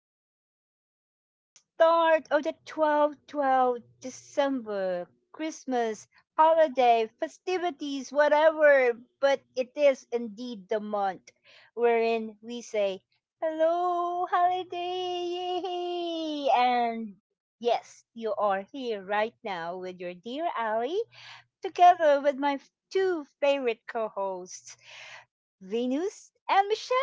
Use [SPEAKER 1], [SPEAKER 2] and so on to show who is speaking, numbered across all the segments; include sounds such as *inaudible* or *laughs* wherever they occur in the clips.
[SPEAKER 1] Ali on the start of the 12th, December 12 Christmas holiday festivities, whatever, but it is indeed the month wherein we say, "Hello, holiday!" And yes, you are here right now with your dear Ali, together with my two favorite co hosts. Venus and Michelle.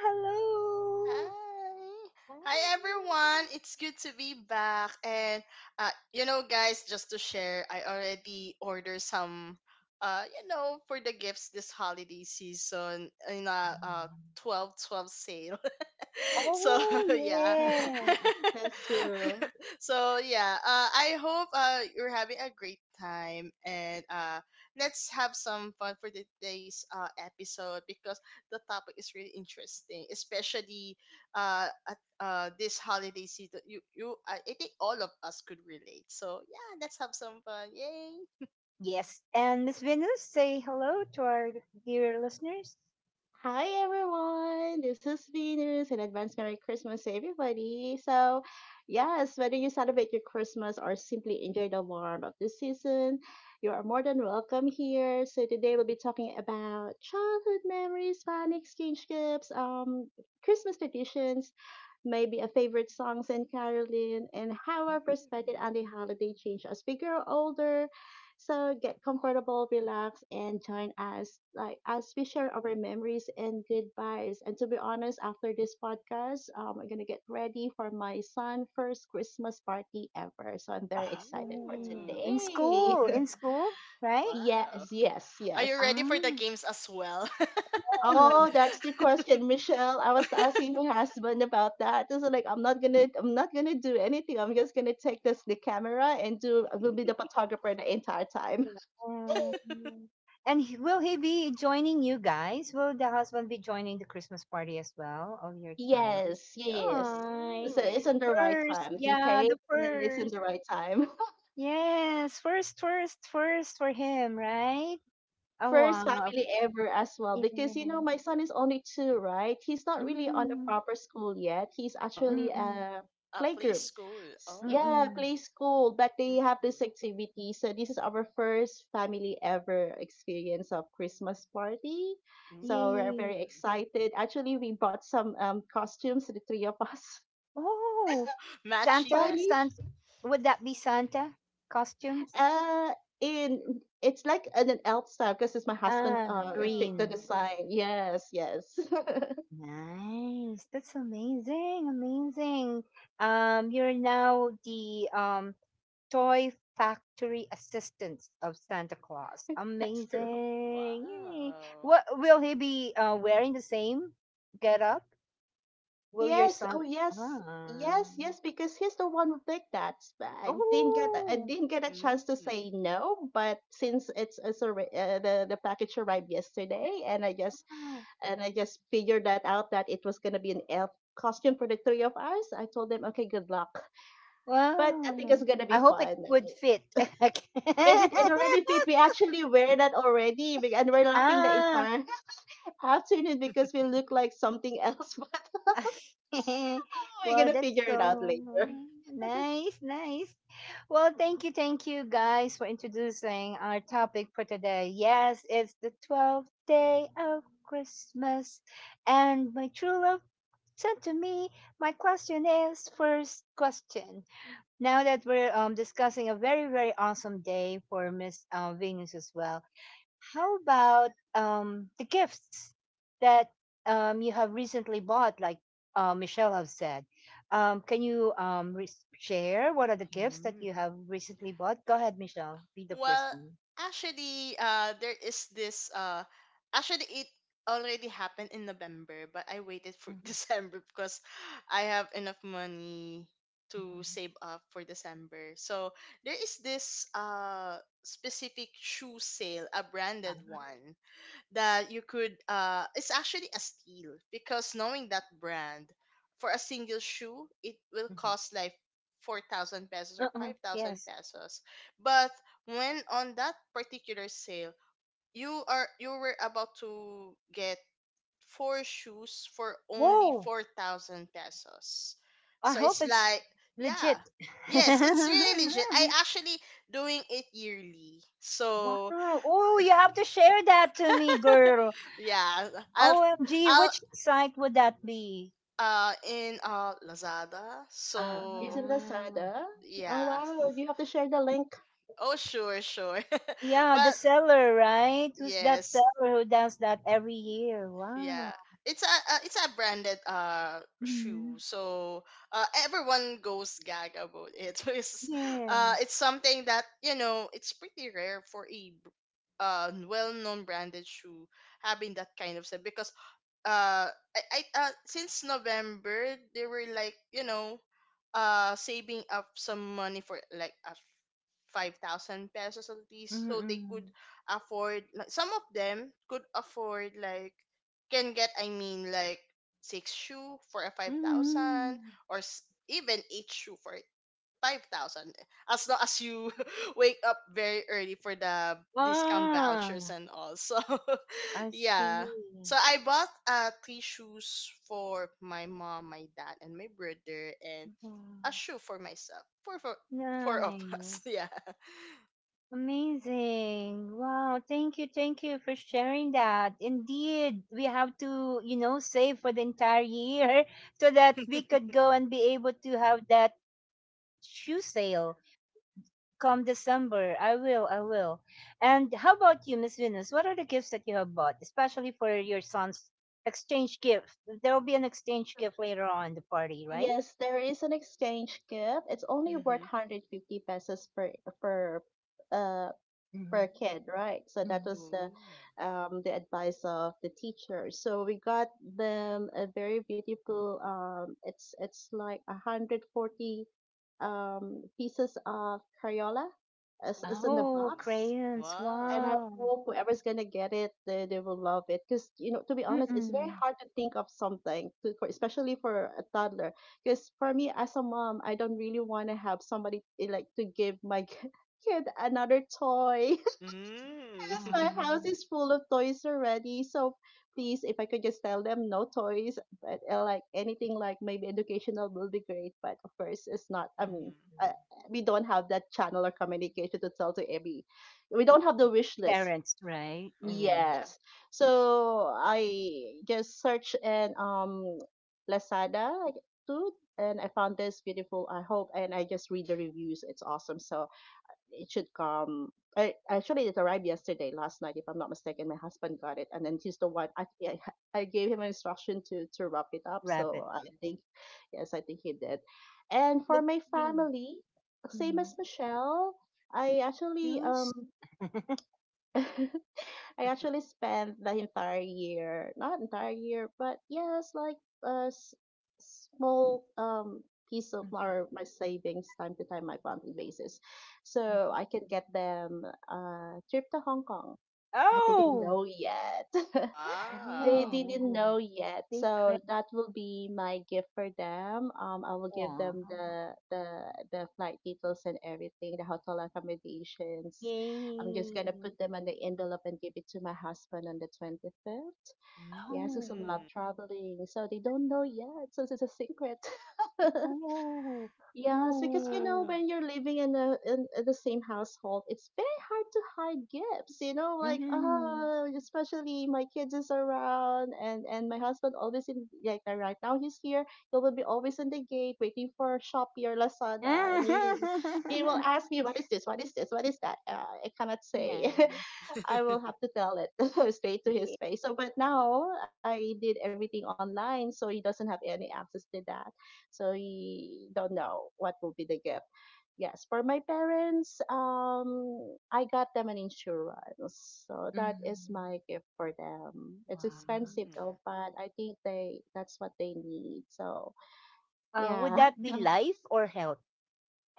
[SPEAKER 1] Hello.
[SPEAKER 2] Hi. Hi
[SPEAKER 3] Hi.
[SPEAKER 2] everyone. It's good to be back. And just to share, I already ordered some for the gifts this holiday season in a 12 12 sale. *laughs* so
[SPEAKER 1] Oh,
[SPEAKER 2] *laughs* yeah
[SPEAKER 3] *laughs*
[SPEAKER 1] yeah.
[SPEAKER 3] That's true.
[SPEAKER 2] *laughs* so yeah I hope you're having a great time and let's have some fun for today's episode because the topic is really interesting especially at this holiday season I think all of us could relate so yeah let's have some fun, yay.
[SPEAKER 1] Yes. And Miss Venus, say hello to our dear listeners.
[SPEAKER 3] Hi everyone, this is Venus and advance Merry Christmas to everybody. So, yes, whether you celebrate your Christmas or simply enjoy the warmth of the season, you are more than welcome here. So today we'll be talking about childhood memories, fun exchange gifts, Christmas traditions, maybe a favorite songs and caroling, and how our perspective
[SPEAKER 2] Mm.
[SPEAKER 3] on the holiday change as we grow older. So get comfortable, relax, and join us like as we share our memories and good vibes. And to be honest, after this podcast, I'm gonna get ready for my son' first Christmas party ever. So I'm very excited for
[SPEAKER 1] Oh,
[SPEAKER 2] Ooh.
[SPEAKER 3] today.
[SPEAKER 1] in
[SPEAKER 2] *laughs*
[SPEAKER 3] *laughs*
[SPEAKER 1] school, right?
[SPEAKER 2] Wow,
[SPEAKER 3] Yes, yes,
[SPEAKER 2] are you
[SPEAKER 3] yes.
[SPEAKER 2] ready for the
[SPEAKER 1] Ah.
[SPEAKER 2] games as well?
[SPEAKER 3] Oh, that's the question, Michelle. I was asking my husband about that. So like I'm not gonna do anything. I'm just gonna take this the camera and do. I will be the photographer the entire time.
[SPEAKER 1] Um, And he- will he be joining you guys? Will the husband be joining the Christmas party as well of your child?
[SPEAKER 3] Yes, yes.
[SPEAKER 1] Hi.
[SPEAKER 3] So it's
[SPEAKER 2] Ooh.
[SPEAKER 3] in the right
[SPEAKER 1] First,
[SPEAKER 3] time. He
[SPEAKER 1] yeah,
[SPEAKER 3] came
[SPEAKER 1] the
[SPEAKER 3] and it's in
[SPEAKER 1] first.
[SPEAKER 3] the right time. *laughs*
[SPEAKER 1] Yes, first, first, first for him, right? Oh
[SPEAKER 3] First
[SPEAKER 1] wow,
[SPEAKER 3] family
[SPEAKER 2] Ooh.
[SPEAKER 3] ever as well. Because you know,
[SPEAKER 1] yes.
[SPEAKER 3] my son is only two, right? He's not really on
[SPEAKER 1] Mm-hmm.
[SPEAKER 3] a proper school yet. He's
[SPEAKER 2] Oh,
[SPEAKER 3] actually
[SPEAKER 1] Mm-mm.
[SPEAKER 3] a
[SPEAKER 2] a play
[SPEAKER 3] playgroup.
[SPEAKER 2] school. Oh.
[SPEAKER 3] Yeah,
[SPEAKER 1] Mm-mm.
[SPEAKER 3] play school, but
[SPEAKER 2] Mm.
[SPEAKER 3] they have this activity. So this is our first family ever experience of Christmas party. So
[SPEAKER 2] Mm.
[SPEAKER 3] we're
[SPEAKER 1] Yay.
[SPEAKER 3] very excited. Actually, we bought some costumes, the three of us. *laughs*
[SPEAKER 1] Oh,
[SPEAKER 3] So
[SPEAKER 2] Matchy
[SPEAKER 1] Santa,
[SPEAKER 3] funny.
[SPEAKER 2] match.
[SPEAKER 1] Santa. Would that be Santa costumes?
[SPEAKER 3] Uh, in it's like an elf style because it's my husband
[SPEAKER 1] Ah,
[SPEAKER 3] picked the
[SPEAKER 1] green.
[SPEAKER 2] Oh.
[SPEAKER 3] design. Yes, yes.
[SPEAKER 1] Nice. That's amazing, amazing. You're now the Toy Factory Assistants of Santa Claus.
[SPEAKER 3] *laughs* That's true.
[SPEAKER 1] Amazing. Yay.
[SPEAKER 2] Wow.
[SPEAKER 1] What will he be wearing the same get up?
[SPEAKER 3] Oh
[SPEAKER 1] Will your
[SPEAKER 3] yes, oh
[SPEAKER 1] son
[SPEAKER 3] yes,
[SPEAKER 1] ah.
[SPEAKER 3] yes, yes. Because he's the one who picked that. But I
[SPEAKER 1] Oh.
[SPEAKER 3] didn't get a chance to
[SPEAKER 2] Mm.
[SPEAKER 3] say no. But since the package arrived yesterday, and
[SPEAKER 1] Wow.
[SPEAKER 3] I just figured that out that it was gonna be an elf costume for the three of us. I told them, okay, good luck. But I think it's
[SPEAKER 1] Wow.
[SPEAKER 3] gonna
[SPEAKER 1] I
[SPEAKER 3] be
[SPEAKER 1] hope it
[SPEAKER 3] fun.
[SPEAKER 1] would fit.
[SPEAKER 3] In it in already fit. We
[SPEAKER 1] *laughs*
[SPEAKER 3] actually wear that already, and we're laughing the
[SPEAKER 1] ah,
[SPEAKER 3] entire *laughs* afternoon because we look like something else. *laughs* But
[SPEAKER 1] *laughs*
[SPEAKER 3] oh, we're
[SPEAKER 1] well,
[SPEAKER 3] gonna
[SPEAKER 1] that's
[SPEAKER 3] figure it out
[SPEAKER 1] so
[SPEAKER 3] later.
[SPEAKER 1] nice, nice. Well, thank you guys for introducing our topic for today. Yes, it's the 12th day of Christmas, and my true love said to me, my question is first question. Now that we're discussing a very, very awesome day for Miss Venus as well, how about the gifts that you have recently bought, like Michelle have said? Can you share what are the gifts that
[SPEAKER 2] Mm.
[SPEAKER 1] you have recently bought? Go ahead, Michelle. Be the first
[SPEAKER 2] Well,
[SPEAKER 1] one.
[SPEAKER 2] actually, there is this. Actually, it already happened in November, but I waited for *laughs*
[SPEAKER 1] Mhm,
[SPEAKER 2] December because I have enough money to
[SPEAKER 1] mhm.
[SPEAKER 2] save up for December. So there is this specific shoe sale, a branded
[SPEAKER 1] Uh-huh,
[SPEAKER 2] one that you could, it's actually a steal because knowing that brand, for a single shoe it will
[SPEAKER 1] mhm.
[SPEAKER 2] cost like 4,000 pesos or
[SPEAKER 1] Uh-uh,
[SPEAKER 2] 5,000
[SPEAKER 1] yes.
[SPEAKER 2] pesos, but when on that particular sale you were about to get four shoes for only
[SPEAKER 1] Whoa!
[SPEAKER 2] 4,000 pesos.
[SPEAKER 1] I
[SPEAKER 2] So
[SPEAKER 1] hope
[SPEAKER 2] it's
[SPEAKER 1] it's
[SPEAKER 2] like, yeah,
[SPEAKER 1] legit. *laughs*
[SPEAKER 2] yes, it's really legit. I actually doing it yearly,
[SPEAKER 1] Wow.
[SPEAKER 2] so
[SPEAKER 1] Oh, you have to share that to me, girl.
[SPEAKER 2] yeah. i'll
[SPEAKER 1] OMG,
[SPEAKER 2] I'll
[SPEAKER 1] which site would that be?
[SPEAKER 2] in Lazada.
[SPEAKER 1] Ah.
[SPEAKER 2] So
[SPEAKER 3] Isn't that sad? Huh? Oh
[SPEAKER 2] yeah.
[SPEAKER 3] wow! You have to share the link.
[SPEAKER 2] Oh sure, sure. *laughs*
[SPEAKER 1] Yeah, the
[SPEAKER 2] But
[SPEAKER 1] seller, right? Who's that
[SPEAKER 2] yes,
[SPEAKER 1] seller who does that every year?
[SPEAKER 2] yeah.
[SPEAKER 1] Wow.
[SPEAKER 2] It's a it's a branded shoe.
[SPEAKER 1] Hmm.
[SPEAKER 2] So everyone goes gag about it. *laughs*
[SPEAKER 1] Yes.
[SPEAKER 2] It's something that, you know, it's pretty rare for a well-known branded shoe having that kind of set because uh I since November they were like, you know, saving up some money for like a 5,000 pesos at least
[SPEAKER 1] Mm
[SPEAKER 2] so they could
[SPEAKER 1] hmm.
[SPEAKER 2] afford like, some of them could afford like, can get, I mean like six shoe for a five
[SPEAKER 1] Mm-mm.
[SPEAKER 2] thousand or even eight shoe for 5,000, as long as you *laughs* wake up very early for the discount vouchers
[SPEAKER 1] Ah,
[SPEAKER 2] and all. So *laughs*
[SPEAKER 1] I see.
[SPEAKER 2] yeah. So I bought three shoes for my mom, my dad, and my brother, and a
[SPEAKER 1] Wow.
[SPEAKER 2] shoe for myself. Four for four of *laughs* us.
[SPEAKER 1] Nice.
[SPEAKER 2] Yeah.
[SPEAKER 1] Amazing. Wow. Thank you. Thank you for sharing that. Indeed, we have to, you know, save for the entire year *laughs* so that we
[SPEAKER 2] *laughs*
[SPEAKER 1] could go and be able to have that shoe sale come December. I will, I will. And how about you, Miss Venus? What are the gifts that you have bought, especially for your son's exchange gift? There will be an exchange gift later on in the party, right?
[SPEAKER 3] Yes, there is an exchange gift. It's only worth
[SPEAKER 2] Mm-hmm.
[SPEAKER 3] 150 pesos per uh
[SPEAKER 1] Mm-hmm.
[SPEAKER 3] per kid, right? So that
[SPEAKER 1] Mm-hmm.
[SPEAKER 3] was
[SPEAKER 2] Ooh.
[SPEAKER 3] the advice of the teacher. So we got them a very beautiful. It's like a hundred forty pieces of Crayola as in the
[SPEAKER 1] Oh,
[SPEAKER 2] Ooh.
[SPEAKER 3] box.
[SPEAKER 1] crayons!
[SPEAKER 3] And I
[SPEAKER 2] Wow.
[SPEAKER 1] Wow.
[SPEAKER 3] hope whoever's gonna get it, they will love it. Cause you know, to be honest, it's very
[SPEAKER 1] Mm-mm.
[SPEAKER 3] hard to think of something, especially for a toddler. Cause for me as a mom, I don't really want to have somebody like to give my *laughs* kid another toy.
[SPEAKER 2] Mm.
[SPEAKER 3] Yes, my
[SPEAKER 2] *laughs*
[SPEAKER 3] house
[SPEAKER 1] Um,
[SPEAKER 3] is full of toys already. So please, if I could just tell them no toys, but like anything like maybe educational will be great. But of course, it's not.
[SPEAKER 2] Mm-hmm.
[SPEAKER 3] Uh, we don't have that channel or communication to tell to every. We don't have the wish list.
[SPEAKER 1] parents, right?
[SPEAKER 2] Oh.
[SPEAKER 1] Yes,
[SPEAKER 3] Yes. So I just search and Lazada too, and I found this beautiful. I hope, and I just read the reviews. It's awesome. So it should come. It arrived yesterday, last night, if I'm not mistaken. My husband got it, and then he's the one. I gave him an instruction to wrap it up. So
[SPEAKER 1] rabbit.
[SPEAKER 3] I think, yes, I think he did. And for
[SPEAKER 1] Let's
[SPEAKER 3] my
[SPEAKER 1] see.
[SPEAKER 3] family, same as
[SPEAKER 1] Hmm.
[SPEAKER 3] Michelle, I actually.
[SPEAKER 1] Shoes.
[SPEAKER 3] *laughs* I actually spent the entire year, not entire year, but yes, like a s- small piece of
[SPEAKER 1] Mm-hmm.
[SPEAKER 3] our my savings time to time, my monthly basis, so
[SPEAKER 1] Mm-hmm.
[SPEAKER 3] I can get them a trip to Hong Kong. But they didn't
[SPEAKER 1] Oh,
[SPEAKER 3] know yet. *laughs* They
[SPEAKER 2] Wow.
[SPEAKER 3] didn't
[SPEAKER 1] oh,
[SPEAKER 3] know yet, so
[SPEAKER 1] secret.
[SPEAKER 3] that will be my gift for them. I will give
[SPEAKER 1] Wow.
[SPEAKER 3] them the the flight details and everything, the hotel accommodations. I'm just
[SPEAKER 1] Yay.
[SPEAKER 3] gonna put them on the envelope and give it to my husband on the 25th. Yes, because
[SPEAKER 1] Oh,
[SPEAKER 3] I love
[SPEAKER 2] Mm.
[SPEAKER 3] traveling, so they don't know yet, so it's a secret. *laughs*
[SPEAKER 1] oh,
[SPEAKER 3] Yes, because you know
[SPEAKER 1] oh.
[SPEAKER 2] Wow.
[SPEAKER 3] when you're living in in the same household, it's very hard to hide gifts. You know, like
[SPEAKER 1] Mm.
[SPEAKER 3] oh, especially my kids is around, and my husband always in like right now he's here. He will be always in the gate waiting for Shopee or Lazada, and he will
[SPEAKER 1] *laughs*
[SPEAKER 3] ask me what is this, what is this, what is that. I cannot say, *laughs*
[SPEAKER 1] Nice.
[SPEAKER 3] I will
[SPEAKER 2] *laughs*
[SPEAKER 3] have to tell it *laughs* straight to his
[SPEAKER 1] Yeah.
[SPEAKER 3] face. So, but now I did everything online, so he doesn't have any access to that. So he don't know what will be the gift. Yes, for my parents, I got them an insurance, so that is
[SPEAKER 1] Mm.
[SPEAKER 3] my gift for them. It's
[SPEAKER 1] Wow.
[SPEAKER 3] expensive
[SPEAKER 2] Mm.
[SPEAKER 3] though, but I think they that's what they need. So
[SPEAKER 1] Would
[SPEAKER 3] yeah,
[SPEAKER 1] that be
[SPEAKER 3] *laughs*
[SPEAKER 1] life or health?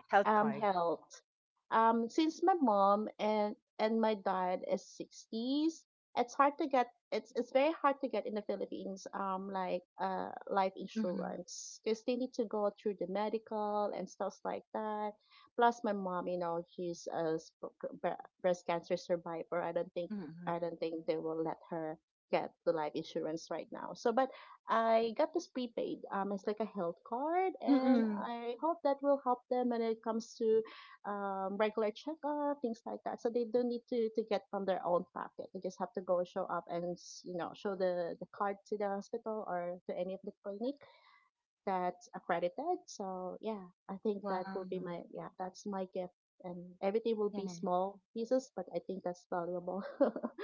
[SPEAKER 1] Health card.
[SPEAKER 3] health, since my mom and my dad is 60s, it's hard to get, it's very hard to get in the Philippines, like life
[SPEAKER 1] Mm-hmm.
[SPEAKER 3] insurance because they need to go through the medical and stuff like that. Plus my mom, you know, she's a sp- bre- breast cancer survivor.
[SPEAKER 1] Mm-hmm.
[SPEAKER 3] I don't think they will let her get the life insurance right now. So but I got this prepaid. It's like a health card, and
[SPEAKER 1] Mm-hmm.
[SPEAKER 3] I hope that will help them when it comes to regular checkup, things like that. So they don't need to get from their own pocket. They just have to go show up and you know show the card to the hospital or to any of the clinic that's accredited. So yeah, I think that
[SPEAKER 1] Wow.
[SPEAKER 3] will be my yeah that's my gift, and everything will
[SPEAKER 1] Yeah.
[SPEAKER 3] be small pieces, but I think that's valuable.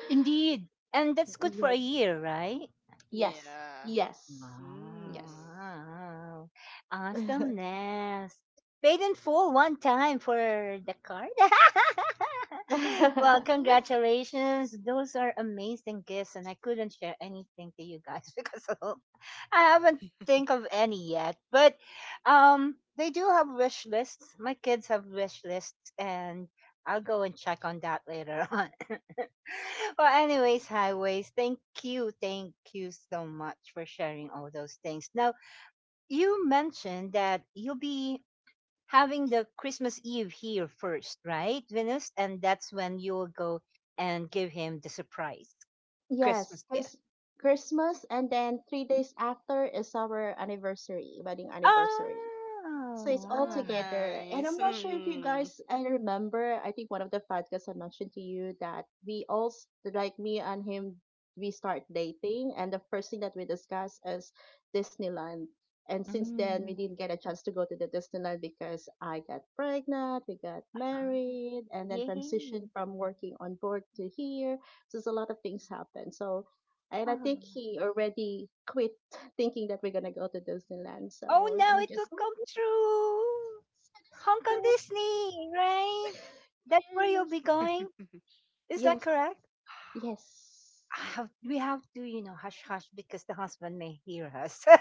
[SPEAKER 1] Indeed. And that's
[SPEAKER 3] *laughs*
[SPEAKER 1] good for a
[SPEAKER 3] Yes,
[SPEAKER 1] year, right?
[SPEAKER 3] yes,
[SPEAKER 2] Yeah.
[SPEAKER 3] yes,
[SPEAKER 2] Mm.
[SPEAKER 3] yes.
[SPEAKER 1] Wow.
[SPEAKER 3] *laughs*
[SPEAKER 1] Awesomeness. Paid in full one time for the card. *laughs* *laughs* Well,
[SPEAKER 3] *laughs* Yes,
[SPEAKER 1] congratulations. Those are amazing gifts, and I couldn't share anything to you guys *laughs* because I haven't think of any yet. But they do have wish lists. My kids have wish lists, and I'll go and check on that later *laughs* on. Well, anyways, highways. Thank you so much for sharing all those things. Now, you mentioned that you'll be having the Christmas Eve here first, right, Venus? And that's when you will go and give him the surprise
[SPEAKER 3] yes,
[SPEAKER 1] Christmas gift.
[SPEAKER 3] 'cause Christmas and then 3 days after is our anniversary, wedding anniversary.
[SPEAKER 1] Ah,
[SPEAKER 3] So it's all
[SPEAKER 2] Wow,
[SPEAKER 3] together. And I'm
[SPEAKER 2] nice.
[SPEAKER 3] not sure if you
[SPEAKER 2] Mm.
[SPEAKER 3] guys,
[SPEAKER 2] *laughs*
[SPEAKER 3] I remember, I think one of the podcasts I mentioned to you that we all, like me and him, we start dating. And the first thing that we discuss is Disneyland. And since then,
[SPEAKER 1] mm,
[SPEAKER 3] we didn't get a chance to go to the Disneyland because I got pregnant, we got
[SPEAKER 1] huh,
[SPEAKER 3] married, and then transitioned
[SPEAKER 1] yay.
[SPEAKER 3] from working on board to here. So there's a lot of things happened. So, and I
[SPEAKER 1] Ah.
[SPEAKER 3] think he already quit thinking that we're gonna go to Disneyland.
[SPEAKER 1] Oh,
[SPEAKER 3] So
[SPEAKER 1] now
[SPEAKER 3] I'm
[SPEAKER 1] it will
[SPEAKER 3] just
[SPEAKER 1] come true. Hong Kong
[SPEAKER 3] Sadasangam.
[SPEAKER 1] Disney, right? That's where you'll
[SPEAKER 3] Yes.
[SPEAKER 1] be going. Is that
[SPEAKER 3] Yes.
[SPEAKER 1] correct?
[SPEAKER 3] Yes.
[SPEAKER 1] I have, we have to, you know, hush hush because the husband may hear us. *laughs*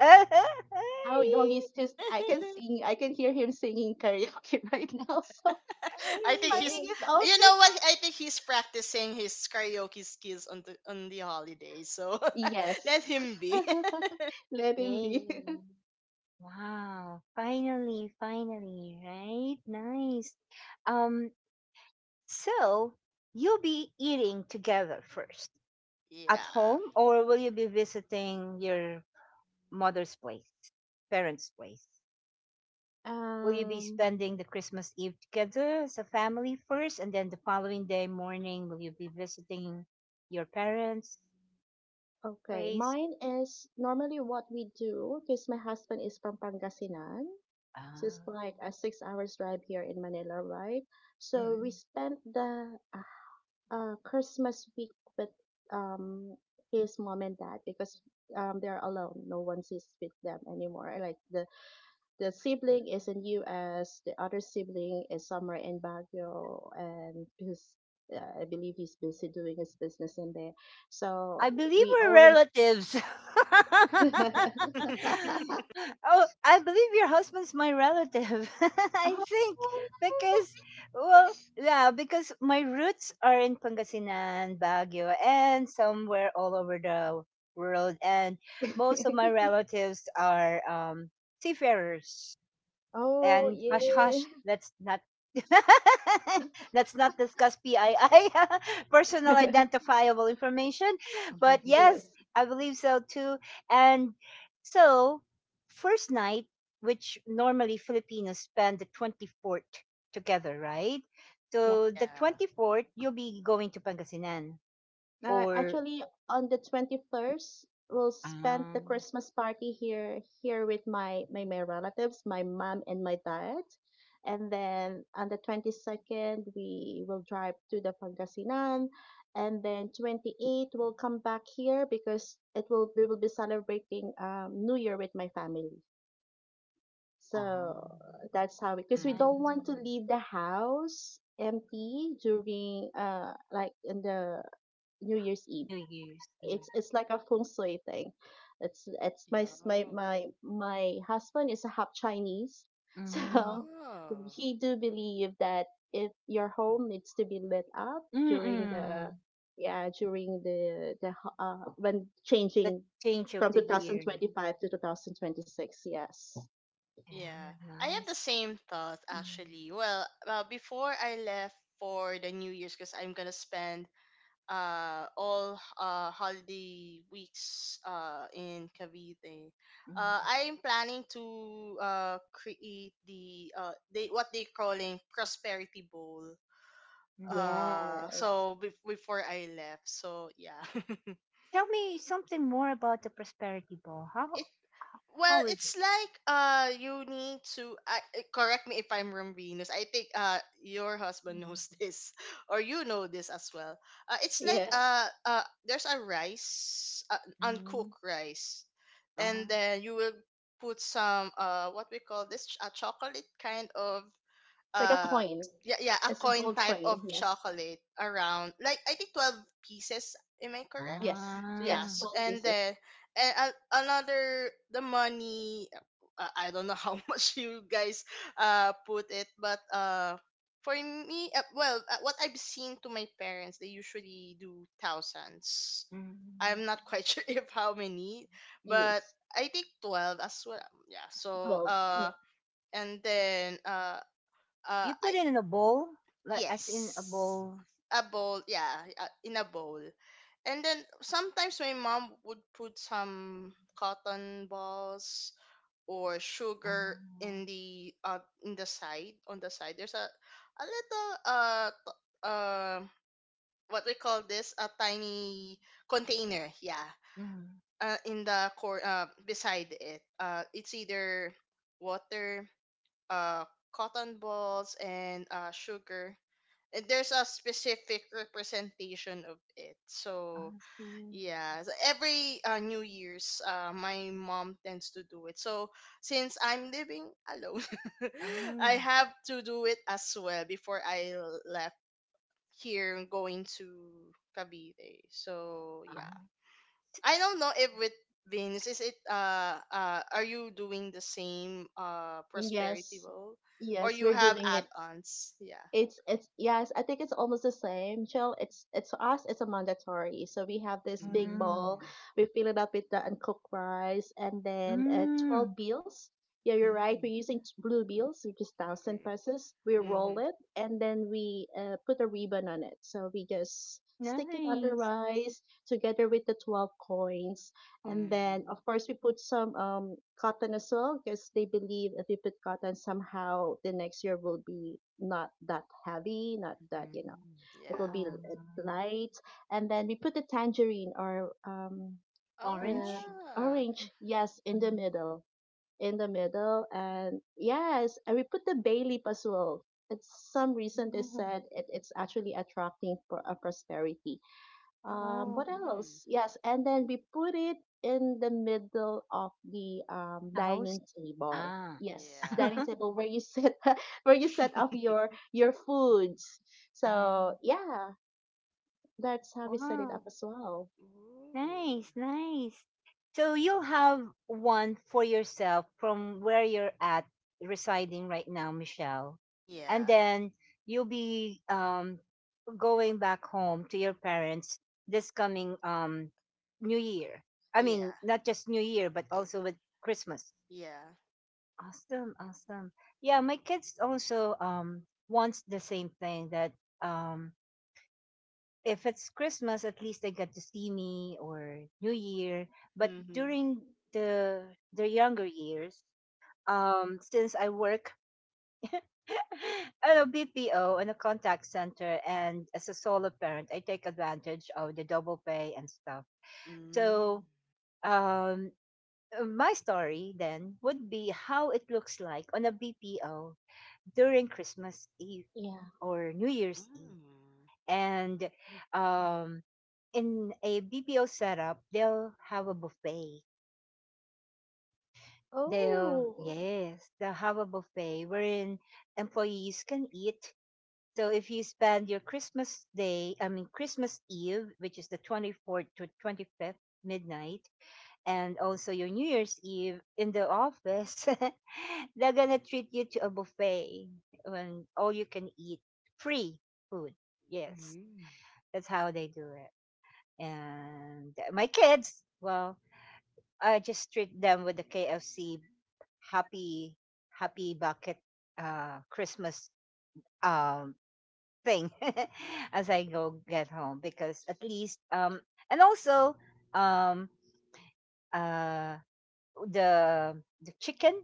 [SPEAKER 3] How no, he's just I can hear him singing karaoke *laughs* right now, so *laughs* he's
[SPEAKER 2] I think he's
[SPEAKER 3] finding
[SPEAKER 1] Yeah.
[SPEAKER 3] his own
[SPEAKER 2] You know what?
[SPEAKER 3] business.
[SPEAKER 2] I think he's practicing his karaoke skills on the holiday. So *laughs* let
[SPEAKER 3] Yes.
[SPEAKER 2] him be. *laughs*
[SPEAKER 3] *laughs* Let him be.
[SPEAKER 1] Yeah.
[SPEAKER 3] *laughs*
[SPEAKER 1] Wow, finally, finally, right? Nice. Um, so you'll be eating together first at
[SPEAKER 2] Yeah.
[SPEAKER 1] home, or will you be visiting your mother's place, parents' place? Will you be
[SPEAKER 3] Um,
[SPEAKER 1] spending the Christmas Eve together as a family first, and then the following day morning, will you be visiting your parents'
[SPEAKER 3] okay.
[SPEAKER 1] place?
[SPEAKER 3] Mine is normally what we do because my husband is from Pangasinan. So it's
[SPEAKER 1] Ah,
[SPEAKER 3] like a 6 hours drive here in Manila, right? So we
[SPEAKER 1] mm,
[SPEAKER 3] spent the Christmas week with um his mom and dad because they're alone. No one is with them anymore. Like the sibling is in U.S. The other sibling is somewhere in Baguio, and his I believe he's busy doing his business in there.
[SPEAKER 1] I
[SPEAKER 3] So
[SPEAKER 1] believe
[SPEAKER 3] we
[SPEAKER 1] we're
[SPEAKER 3] always.
[SPEAKER 1] relatives. *laughs*
[SPEAKER 3] *laughs*
[SPEAKER 2] *laughs*
[SPEAKER 1] Oh, I believe your husband's my relative. *laughs* I
[SPEAKER 3] Oh.
[SPEAKER 1] think because, well, yeah, because my roots are in Pangasinan, Baguio, and somewhere all over the world, and most of my
[SPEAKER 3] *laughs*
[SPEAKER 1] relatives are seafarers.
[SPEAKER 3] Oh
[SPEAKER 1] And hush,
[SPEAKER 3] yeah.
[SPEAKER 1] hush, let's not *laughs* let's not discuss PII, *laughs* personal
[SPEAKER 3] *laughs*
[SPEAKER 1] identifiable information. But yes,
[SPEAKER 3] Yes.
[SPEAKER 1] I believe so too. And so, first night, which normally Filipinos spend the 24th together, right?
[SPEAKER 3] Yeah.
[SPEAKER 1] So, the
[SPEAKER 2] Yeah.
[SPEAKER 1] 24th, you'll be going to Pangasinan or.
[SPEAKER 3] Actually, on the 21st, we'll spend the
[SPEAKER 1] Um,
[SPEAKER 3] Christmas party here with my relatives, my mom and my dad. And then on the 22nd, we will drive to the Pangasinan. And then twenty we'll come back here because it will we will be celebrating New Year with my family.
[SPEAKER 1] um,
[SPEAKER 3] So that's how we, because we don't
[SPEAKER 1] nice.
[SPEAKER 3] want to
[SPEAKER 2] Mm.
[SPEAKER 3] leave the house empty during like in the New Year's Eve.
[SPEAKER 1] New Year's Eve.
[SPEAKER 3] It's like a feng shui thing. It's my
[SPEAKER 2] Yeah.
[SPEAKER 3] s- my husband is a half Chinese, *laughs*
[SPEAKER 1] Mm-hmm.
[SPEAKER 3] so
[SPEAKER 2] Oh.
[SPEAKER 3] he do believe that if your home needs to be lit up during the
[SPEAKER 1] Mm-mm.
[SPEAKER 3] yeah during the when
[SPEAKER 1] The
[SPEAKER 3] changing
[SPEAKER 1] change of
[SPEAKER 3] from
[SPEAKER 1] the year.
[SPEAKER 3] 2025 to 2026. Yes.
[SPEAKER 2] Yeah,
[SPEAKER 1] Yeah,
[SPEAKER 2] I had
[SPEAKER 1] nice.
[SPEAKER 2] the same thought
[SPEAKER 1] Mm,
[SPEAKER 2] actually. Well, before I left for the New Year's, because I'm gonna spend all holiday weeks in Cavite.
[SPEAKER 1] mm,
[SPEAKER 2] I'm planning to create the they what they calling prosperity bowl.
[SPEAKER 1] mm.
[SPEAKER 2] Uh,
[SPEAKER 3] Yes.
[SPEAKER 2] so bef- before I left, so yeah. *laughs*
[SPEAKER 1] Tell me something more about the prosperity ball.
[SPEAKER 2] It,
[SPEAKER 1] How,
[SPEAKER 2] well,
[SPEAKER 1] how is
[SPEAKER 2] it's
[SPEAKER 1] it?
[SPEAKER 2] like you need to correct me if I'm wrong, Venus. I think your husband
[SPEAKER 1] Mm,
[SPEAKER 2] knows *laughs* this, or you know this as well. It's like
[SPEAKER 3] Yes.
[SPEAKER 2] There's a rice,
[SPEAKER 1] mm,
[SPEAKER 2] uncooked rice, and
[SPEAKER 1] uh,
[SPEAKER 2] then you will put some what we call this a chocolate kind of
[SPEAKER 3] Like a
[SPEAKER 2] uh
[SPEAKER 3] coin.
[SPEAKER 2] yeah, a
[SPEAKER 3] It's a
[SPEAKER 2] coin
[SPEAKER 3] gold
[SPEAKER 2] type of
[SPEAKER 3] coin. Yes.
[SPEAKER 2] chocolate around, like I think 12 pieces, am I correct?
[SPEAKER 3] Yes.
[SPEAKER 2] So
[SPEAKER 1] ah,
[SPEAKER 3] Yes.
[SPEAKER 2] yes,
[SPEAKER 3] 12
[SPEAKER 2] and
[SPEAKER 3] pieces.
[SPEAKER 2] then and another, the money, I don't know how *laughs* much you guys put it, but for me, what I've seen to my parents, they usually do thousands.
[SPEAKER 1] mm.
[SPEAKER 2] I'm not quite *laughs* sure if how many, but
[SPEAKER 3] Yes.
[SPEAKER 2] I think 12 as well, yeah. so
[SPEAKER 3] 12. Yeah.
[SPEAKER 2] uh and then uh uh,
[SPEAKER 1] You put
[SPEAKER 2] I
[SPEAKER 1] it in a bowl, like
[SPEAKER 2] Yes.
[SPEAKER 1] as in a bowl.
[SPEAKER 2] A bowl, yeah, in a bowl. And then sometimes my mom would put some cotton balls or sugar
[SPEAKER 1] Uh,
[SPEAKER 2] in the side. There's a a little, what we call this, a tiny container, yeah.
[SPEAKER 1] mm,
[SPEAKER 2] In the core Beside it, it's either water, uh cotton balls, and sugar, and there's a specific representation of it. So
[SPEAKER 1] I see.
[SPEAKER 2] yeah, so every New Year's, my mom tends to do it. So since I'm living alone, *laughs* I
[SPEAKER 1] Ah,
[SPEAKER 2] have to do it as well before left here, going to Cavite. So yeah,
[SPEAKER 1] ah,
[SPEAKER 2] I don't know if with Vince, is it are you doing the same prosperity
[SPEAKER 3] Yes.
[SPEAKER 2] role, or
[SPEAKER 3] Yes.
[SPEAKER 2] you
[SPEAKER 3] We're
[SPEAKER 2] have
[SPEAKER 3] doing it.
[SPEAKER 2] add-ons? Yeah.
[SPEAKER 3] It's yes, I think it's almost the same. Chill, it's for us, it's a mandatory. So we have this big
[SPEAKER 1] mm,
[SPEAKER 3] bowl,
[SPEAKER 2] Mm.
[SPEAKER 3] we fill it up with the uncooked rice, and then
[SPEAKER 1] mm,
[SPEAKER 3] 12 bills. Yeah, you're right.
[SPEAKER 2] Mm.
[SPEAKER 3] We're using blue bills, which is 1,000 pesos. We roll
[SPEAKER 2] Mm-hmm.
[SPEAKER 3] it, and then we put a ribbon on it. So we just stick it on the
[SPEAKER 1] nice.
[SPEAKER 3] rice together with the 12 coins, and then,
[SPEAKER 2] Mm-hmm.
[SPEAKER 3] of course, we put some cotton as well because they believe if we put cotton, somehow the next year will be not that heavy, not that, you know,
[SPEAKER 2] Mm-hmm.
[SPEAKER 3] it will
[SPEAKER 2] Yeah.
[SPEAKER 3] be
[SPEAKER 1] Um,
[SPEAKER 3] light. And then we put the tangerine or
[SPEAKER 2] Oh,
[SPEAKER 1] orange.
[SPEAKER 3] um,
[SPEAKER 2] yeah.
[SPEAKER 3] orange, yes, in the
[SPEAKER 1] Mm,
[SPEAKER 3] middle, in the middle. And yes, and we put the bay leaf as well. It's some reason they
[SPEAKER 1] mm,
[SPEAKER 3] said it's actually attracting for a prosperity. What
[SPEAKER 1] wow.
[SPEAKER 2] Mm.
[SPEAKER 3] else? Yes, and then we put it in the middle of the
[SPEAKER 1] A
[SPEAKER 3] dining
[SPEAKER 1] host?
[SPEAKER 3] table.
[SPEAKER 1] Ah.
[SPEAKER 3] Yes, dining
[SPEAKER 2] Yeah.
[SPEAKER 1] *laughs*
[SPEAKER 3] table where you set *laughs* where you set up
[SPEAKER 2] *laughs*
[SPEAKER 3] your foods. So
[SPEAKER 1] Ayan.
[SPEAKER 3] yeah, that's how we set it up
[SPEAKER 1] Wow.
[SPEAKER 3] as well.
[SPEAKER 2] Ooh.
[SPEAKER 1] Nice, nice. So you'll have one for yourself from where you're at residing right now, Michelle. And
[SPEAKER 2] Yeah.
[SPEAKER 1] then you'll be going back home to your parents this coming New Year. I
[SPEAKER 2] Yeah.
[SPEAKER 1] mean, not just New Year, but
[SPEAKER 2] Eh.
[SPEAKER 1] also with Christmas.
[SPEAKER 2] Yeah.
[SPEAKER 1] Awesome, awesome. Yeah, my kids also wants the same thing that um if it's Christmas, at least they get to see me or New Year. But
[SPEAKER 2] Mm-hmm.
[SPEAKER 1] during the the younger years, since I work *laughs* at a BPO in a contact center and as a solo parent, I take advantage of the double pay and stuff.
[SPEAKER 2] Mm.
[SPEAKER 1] So um, my story then would be how it looks like on a BPO during Christmas Eve
[SPEAKER 3] Yeah.
[SPEAKER 1] or New Year's Eve.
[SPEAKER 2] Mm.
[SPEAKER 1] And um, in a BPO setup, they'll have a buffet. They'll,
[SPEAKER 3] Oh.
[SPEAKER 1] yes, they'll have a buffet wherein employees can eat. So if you spend your Christmas day, I mean, Christmas Eve, which is the 24th to 25th midnight, and also your New Year's Eve in the office, *laughs* they're going to treat you to a buffet and all you can eat free food. Yes,
[SPEAKER 2] Mm.
[SPEAKER 1] that's how they do it. And my kids, well, I just treat them with the KFC happy happy bucket Christmas um thing *laughs* as I go get home because at least and also um uh the chicken.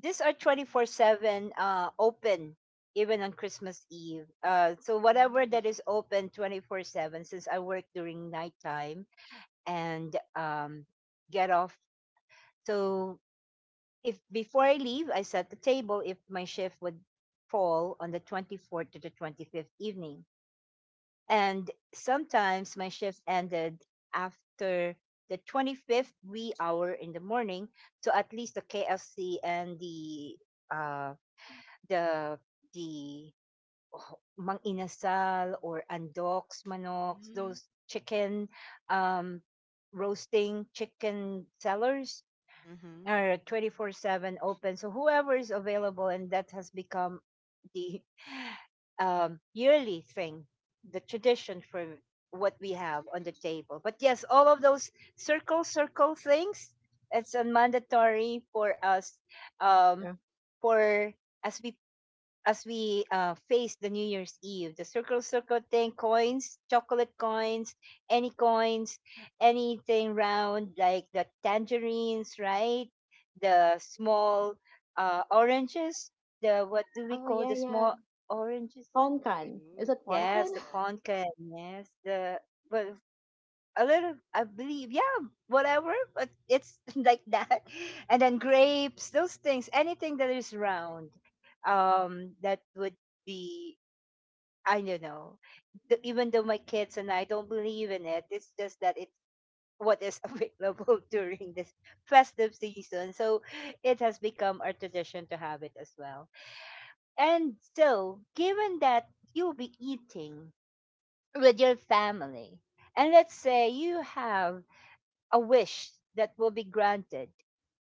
[SPEAKER 1] These are 24/7 open even on Christmas Eve. So whatever that
[SPEAKER 2] Mm.
[SPEAKER 1] is open 24/7 since I work during nighttime and get off. So if before I leave, I set the table if my shift would fall on the 24th to the 25th evening. And sometimes my shifts ended after the 25th wee hour in the morning. So at least the KFC and the uh, the the oh, mang inasal or andoks manoks,
[SPEAKER 2] Mm.
[SPEAKER 1] those chicken um, roasting chicken sellers
[SPEAKER 2] Mm-hmm.
[SPEAKER 1] or 24/7 open so whoever is available and that has become the *sighs* *laughs* yearly thing, the tradition for what we have on the table. But yes, all of those circle circle things, it's a mandatory for us, um,
[SPEAKER 3] Yeah.
[SPEAKER 1] for as we as we face the New Year's Eve, the circle circle thing, coins, chocolate coins, any coins, anything round like the tangerines, right? The small oranges, the what do we
[SPEAKER 3] Oh,
[SPEAKER 1] call
[SPEAKER 3] yeah,
[SPEAKER 1] the
[SPEAKER 3] yeah.
[SPEAKER 1] small oranges?
[SPEAKER 3] Poncan. Is
[SPEAKER 2] Ooh.
[SPEAKER 3] it
[SPEAKER 2] Oh.
[SPEAKER 1] Yes,
[SPEAKER 3] Poncan?
[SPEAKER 1] the pumpkin. Yes, the but a little, I believe, yeah, whatever, but it's *laughs* like that. And then grapes, those things, anything that is round, that would be, I don't know. Th- Even though my kids and I don't believe in it, it's just that it's what is *laughs* available during this festive season. So it has become our tradition to have it as well. And so, given that you'll be eating with your family, and let's say you have a wish that will be granted.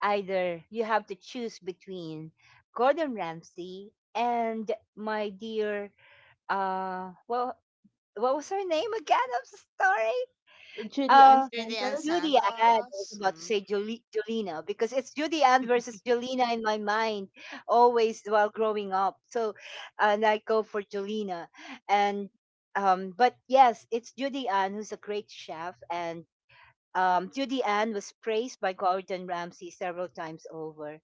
[SPEAKER 1] Either you have to choose between Gordon Ramsay and my dear, well, what was her name again? I'm so sorry.
[SPEAKER 3] *laughs* Judy Ann
[SPEAKER 1] Uh,
[SPEAKER 2] Judy and
[SPEAKER 3] Santos.
[SPEAKER 1] Judy Ann. I was
[SPEAKER 2] Santos.
[SPEAKER 1] about to
[SPEAKER 2] Mm.
[SPEAKER 1] say Julie, Julina, because it's Judy Ann
[SPEAKER 2] *laughs*
[SPEAKER 1] versus Julina in my mind always while growing up. So, and I go for Julina, and but yes, it's Judy Ann who's a great chef. And Judy Ann was praised by Gordon Ramsay several times over.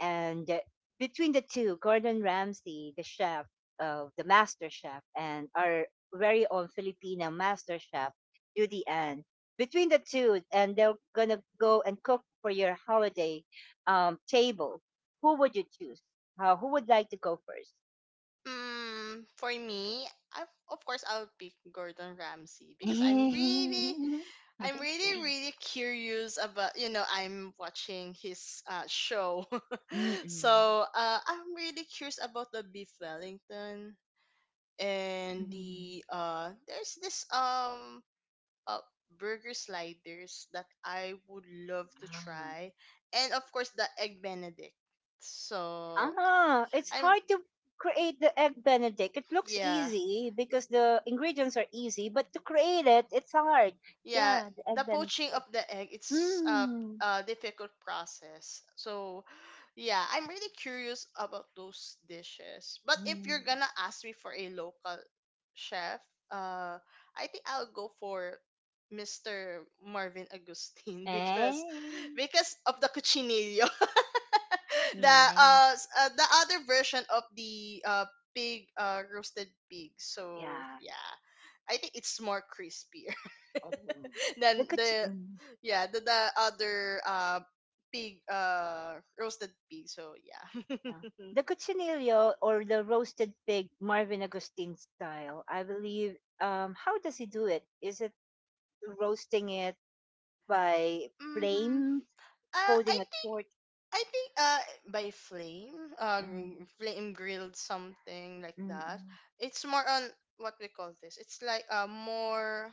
[SPEAKER 1] And between the two, Gordon Ramsay, the chef, the master chef, and our very own Filipino master chef, Judy Ann, between the two, and they're going to go and cook for your holiday table, who would you choose? Who would like to go first?
[SPEAKER 2] Mm, for me, I, of course, I'll pick Gordon Ramsay because
[SPEAKER 1] *laughs*
[SPEAKER 2] I'm really, really curious about, you know, I'm watching his show. *laughs*
[SPEAKER 1] Mm-mm.
[SPEAKER 2] So I'm really curious about the beef Wellington, and
[SPEAKER 1] Mm.
[SPEAKER 2] the, there's this uh, burger sliders that I would love to try. And of course, the egg Benedict. So
[SPEAKER 1] Ah, it's
[SPEAKER 2] I'm,
[SPEAKER 1] hard to create the egg benedict. It looks
[SPEAKER 2] yeah.
[SPEAKER 1] easy because the ingredients are easy, but to create it, it's hard.
[SPEAKER 2] Yeah,
[SPEAKER 1] Yeah, the egg
[SPEAKER 2] the poaching of
[SPEAKER 1] benedict.
[SPEAKER 2] the egg, it's
[SPEAKER 1] Mm.
[SPEAKER 2] a difficult process. So yeah, I'm really curious about those dishes. But if
[SPEAKER 1] Mm.
[SPEAKER 2] you're gonna ask me for a local chef, uh I think I'll go for Mr. Marvin Agustin *laughs* because
[SPEAKER 1] Eh.
[SPEAKER 2] because of the cuchinillo, *laughs* the
[SPEAKER 1] Nice.
[SPEAKER 2] the other version of the pig roasted pig. So
[SPEAKER 1] Yeah.
[SPEAKER 2] yeah, I think it's more crispier
[SPEAKER 1] Oh.
[SPEAKER 2] *laughs*
[SPEAKER 1] The
[SPEAKER 2] than
[SPEAKER 1] cuch-
[SPEAKER 2] the,
[SPEAKER 1] mm,
[SPEAKER 2] yeah, the other uh pig roasted pig. So yeah. *laughs*
[SPEAKER 1] yeah. The cochinillo or the roasted pig, Marvin Agustin style. I believe. How does he do it? Is it roasting it by
[SPEAKER 2] Mm-hmm.
[SPEAKER 1] flame,
[SPEAKER 2] Uh, I
[SPEAKER 1] holding a
[SPEAKER 2] think
[SPEAKER 1] torch?
[SPEAKER 2] I think by flame,
[SPEAKER 1] Mm.
[SPEAKER 2] flame grilled, something like that.
[SPEAKER 1] Mm,
[SPEAKER 2] It's more on, what we call this, it's like more,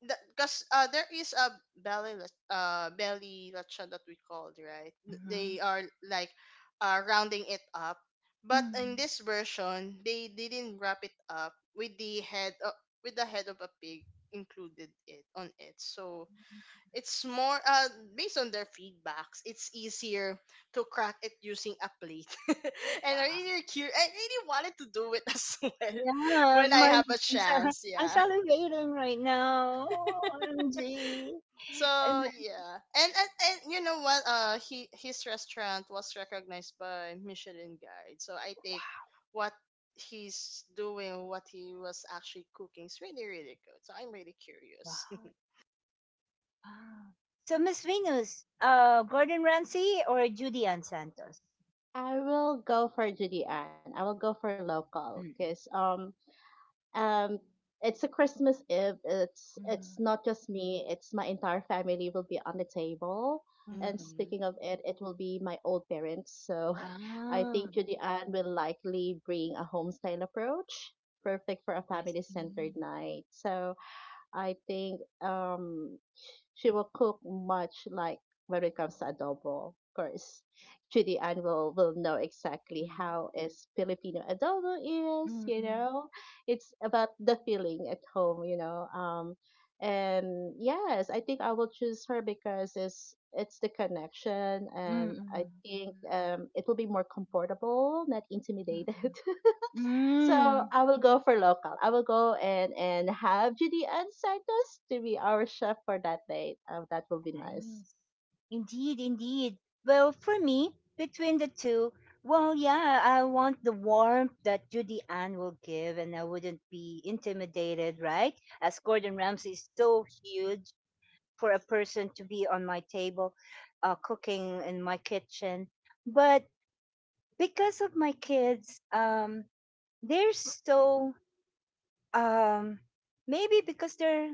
[SPEAKER 2] because there is a belly lechon that we called, right? They
[SPEAKER 1] mhm,
[SPEAKER 2] are like rounding it up, but in
[SPEAKER 1] mhm.
[SPEAKER 2] this version they didn't wrap it up with the head of, with the head of a pig, included it on it. So it's more based on their feedbacks, it's easier to crack it using a plate. *laughs* And
[SPEAKER 1] Wow.
[SPEAKER 2] I really wanted to do it as *laughs* well
[SPEAKER 1] Yeah,
[SPEAKER 2] when I
[SPEAKER 1] my
[SPEAKER 2] have a
[SPEAKER 1] I'm sal
[SPEAKER 2] chance.
[SPEAKER 1] *laughs* I'm
[SPEAKER 2] Yeah.
[SPEAKER 1] salivating right now. OMG.
[SPEAKER 2] So
[SPEAKER 1] And
[SPEAKER 2] yeah, and you know what? He, his restaurant was recognized by Michelin Guide. So I think what he's doing, what he was actually cooking, is really really good. So I'm really curious.
[SPEAKER 1] Wow.
[SPEAKER 2] *laughs*
[SPEAKER 1] Wow. So Miss Venus, Gordon Ramsay or Judy Ann Santos?
[SPEAKER 3] I will go for Judy Ann. I will go for local
[SPEAKER 1] Mm,
[SPEAKER 3] because um it's a Christmas Eve. It's
[SPEAKER 1] mm,
[SPEAKER 3] not just me. It's my entire family will be on the table, and
[SPEAKER 1] mm.
[SPEAKER 3] speaking
[SPEAKER 2] Mm-hmm.
[SPEAKER 3] of it, it will be my old parents. So *laughs* I think
[SPEAKER 1] Ah,
[SPEAKER 3] Judy Ann will likely bring a homestyle approach, perfect for a
[SPEAKER 1] I
[SPEAKER 3] family
[SPEAKER 1] see.
[SPEAKER 3] centered night. So I think she will cook much like when it comes to adobo. Of course, Judy Ann will know exactly how
[SPEAKER 2] Mm-hmm.
[SPEAKER 3] is Filipino adobo is,
[SPEAKER 1] Mm,
[SPEAKER 3] you
[SPEAKER 1] mm,
[SPEAKER 3] know. It's about the feeling at home, you know. And yes, I think I will choose her because it's the connection,
[SPEAKER 1] mm,
[SPEAKER 3] and I
[SPEAKER 1] mm,
[SPEAKER 3] think it will be more comfortable, not intimidated.
[SPEAKER 1] mm,
[SPEAKER 3] *laughs* So
[SPEAKER 1] mm.
[SPEAKER 3] I will go for local. I will go and have Judy Judean Santos to be our chef for that date. That will be nice.
[SPEAKER 1] Nice. Indeed, indeed. Well, for me, between the two, well, yeah, I want the warmth that Judy Ann will give, and I wouldn't be intimidated, right? As Gordon Ramsay is so huge for a person to be on my table, cooking in my kitchen. But because of my kids, they're so um, maybe because they're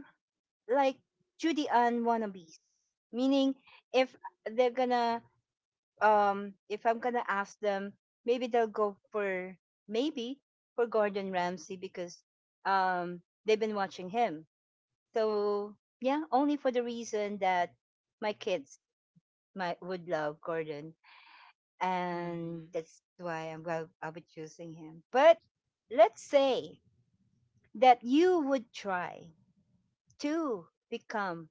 [SPEAKER 1] like Judy Ann wannabes, meaning if they're gonna if I'm gonna ask them, maybe they'll go for maybe for Gordon Ramsay because um they've been watching him. So yeah, only for the reason that my kids might would love Gordon, and that's why I'll be choosing him. But let's say that you would try to become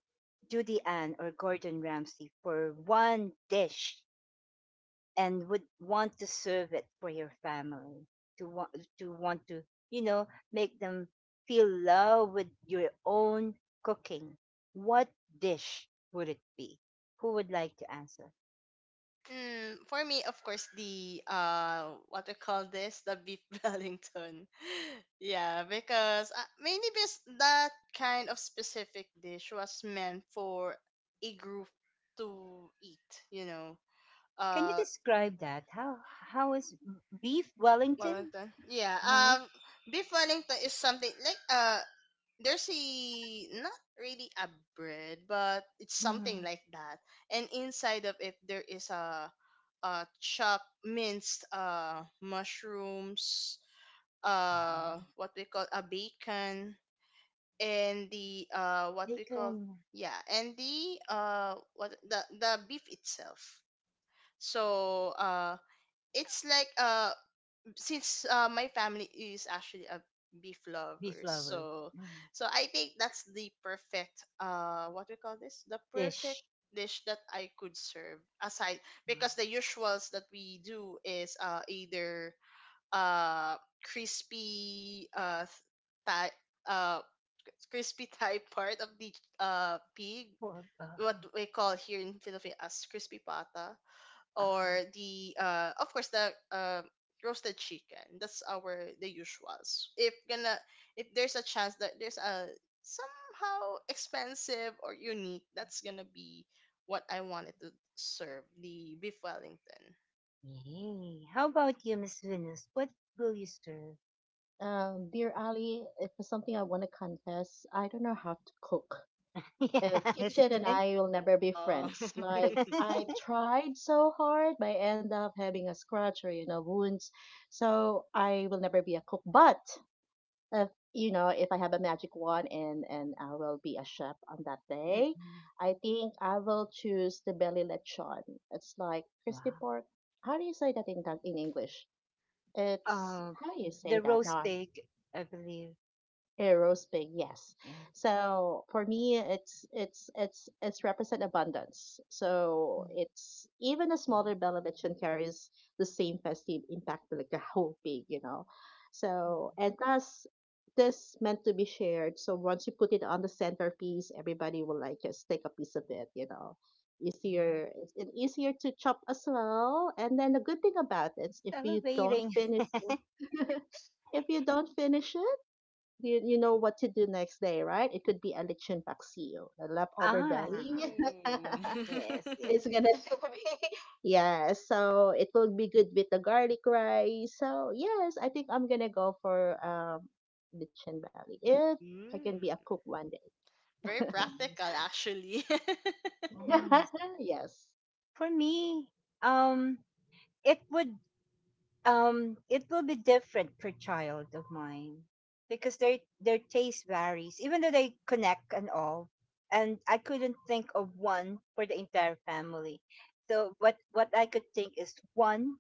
[SPEAKER 1] Judy Ann or Gordon Ramsay for one dish, and would want to serve it for your family to want to want to you know make them feel love with your own cooking. What dish would it be? Who would like to answer?
[SPEAKER 2] Mm, for me, of course, the what we call this, the beef *laughs* Wellington. Yeah, because mainly because that kind of specific dish was meant for a group to eat. You know,
[SPEAKER 1] Can you
[SPEAKER 2] uh,
[SPEAKER 1] describe that, how is beef Wellington?
[SPEAKER 2] Wellington. Yeah,
[SPEAKER 1] Uh-huh.
[SPEAKER 2] beef Wellington is something like there's a, not really a bread, but it's something
[SPEAKER 1] Mhm.
[SPEAKER 2] like that, and inside of it there is a chopped minced mushrooms,
[SPEAKER 1] Wow.
[SPEAKER 2] what we call, a bacon, and the what we call
[SPEAKER 1] Bacon.
[SPEAKER 2] yeah, and the what the beef itself. So it's like since my family is actually a beef
[SPEAKER 1] Beef
[SPEAKER 2] lovers,
[SPEAKER 1] lovers.
[SPEAKER 2] so,
[SPEAKER 1] Mhm.
[SPEAKER 2] so I think that's the perfect what we call this the
[SPEAKER 1] Dish.
[SPEAKER 2] perfect dish that I could serve, aside because the usuals that we do is either uh crispy uh thigh uh crispy *laughs* thigh part of the pig,
[SPEAKER 1] Pork. What?
[SPEAKER 2] what we call here in Philippines as crispy pata,
[SPEAKER 1] uh, uh,
[SPEAKER 2] or the of course the roasted chicken. That's our the usuals. If gonna, if there's a chance that there's a, somehow expensive or unique, that's gonna be what I wanted to serve, the beef Wellington.
[SPEAKER 1] Yay. How about you, Miss Venus, what will you serve?
[SPEAKER 3] Dear Ali, if it's something I want to confess, I don't know how to cook.
[SPEAKER 1] Yes.
[SPEAKER 3] Kitchen and I
[SPEAKER 1] *laughs*
[SPEAKER 3] will never be
[SPEAKER 2] uh,
[SPEAKER 3] friends. Like, I tried so hard, but I end up having a scratch or, you know, wounds. So I will never be a cook. But if, you know, if I have a magic wand, and I will be a chef on that day,
[SPEAKER 1] Mm-mm.
[SPEAKER 3] I think I will choose the belly lechon. It's like crispy
[SPEAKER 1] Wow.
[SPEAKER 3] pork. How do you say that in Tag- in English? It's,
[SPEAKER 1] Uh,
[SPEAKER 3] how do you say
[SPEAKER 1] the
[SPEAKER 3] that?
[SPEAKER 1] roast
[SPEAKER 3] Now,
[SPEAKER 1] pig, I believe.
[SPEAKER 3] Aerospin, yes.
[SPEAKER 1] Yeah.
[SPEAKER 3] So for me, it's represent abundance. So
[SPEAKER 1] Mm-hmm.
[SPEAKER 3] it's even a smaller benediction carries the same festive impact like the whole pig, you know. So, and thus this meant to be shared. So once you put it on the centerpiece, everybody will like just take a piece of it, you know.
[SPEAKER 1] Yeah. I'm
[SPEAKER 3] Easier, it's easier to chop as well. And then the good thing about it, if you don't
[SPEAKER 1] celebrating.
[SPEAKER 3] finish,
[SPEAKER 1] *laughs*
[SPEAKER 3] *laughs* if you don't finish, you know what to do next day, right? It could be a lechon paksiw, the
[SPEAKER 2] *laughs*
[SPEAKER 3] leftover
[SPEAKER 1] Ah,
[SPEAKER 3] belly.
[SPEAKER 2] Ooh.
[SPEAKER 1] yes,
[SPEAKER 2] *laughs*
[SPEAKER 3] *laughs* it's
[SPEAKER 1] yes.
[SPEAKER 3] gonna *laughs* be yeah. So it will be good with the garlic rice. So yes, I think I'm gonna go for lechon belly if I can be a cook
[SPEAKER 2] Mm.
[SPEAKER 3] one day.
[SPEAKER 2] Very
[SPEAKER 1] Nice,
[SPEAKER 2] practical, actually. *laughs*
[SPEAKER 1] nice.
[SPEAKER 3] *laughs* yes.
[SPEAKER 1] For me, um, it would it will be different per child of mine, because their taste varies even though they connect and all, and I couldn't think of one for the entire family. So what I could think is one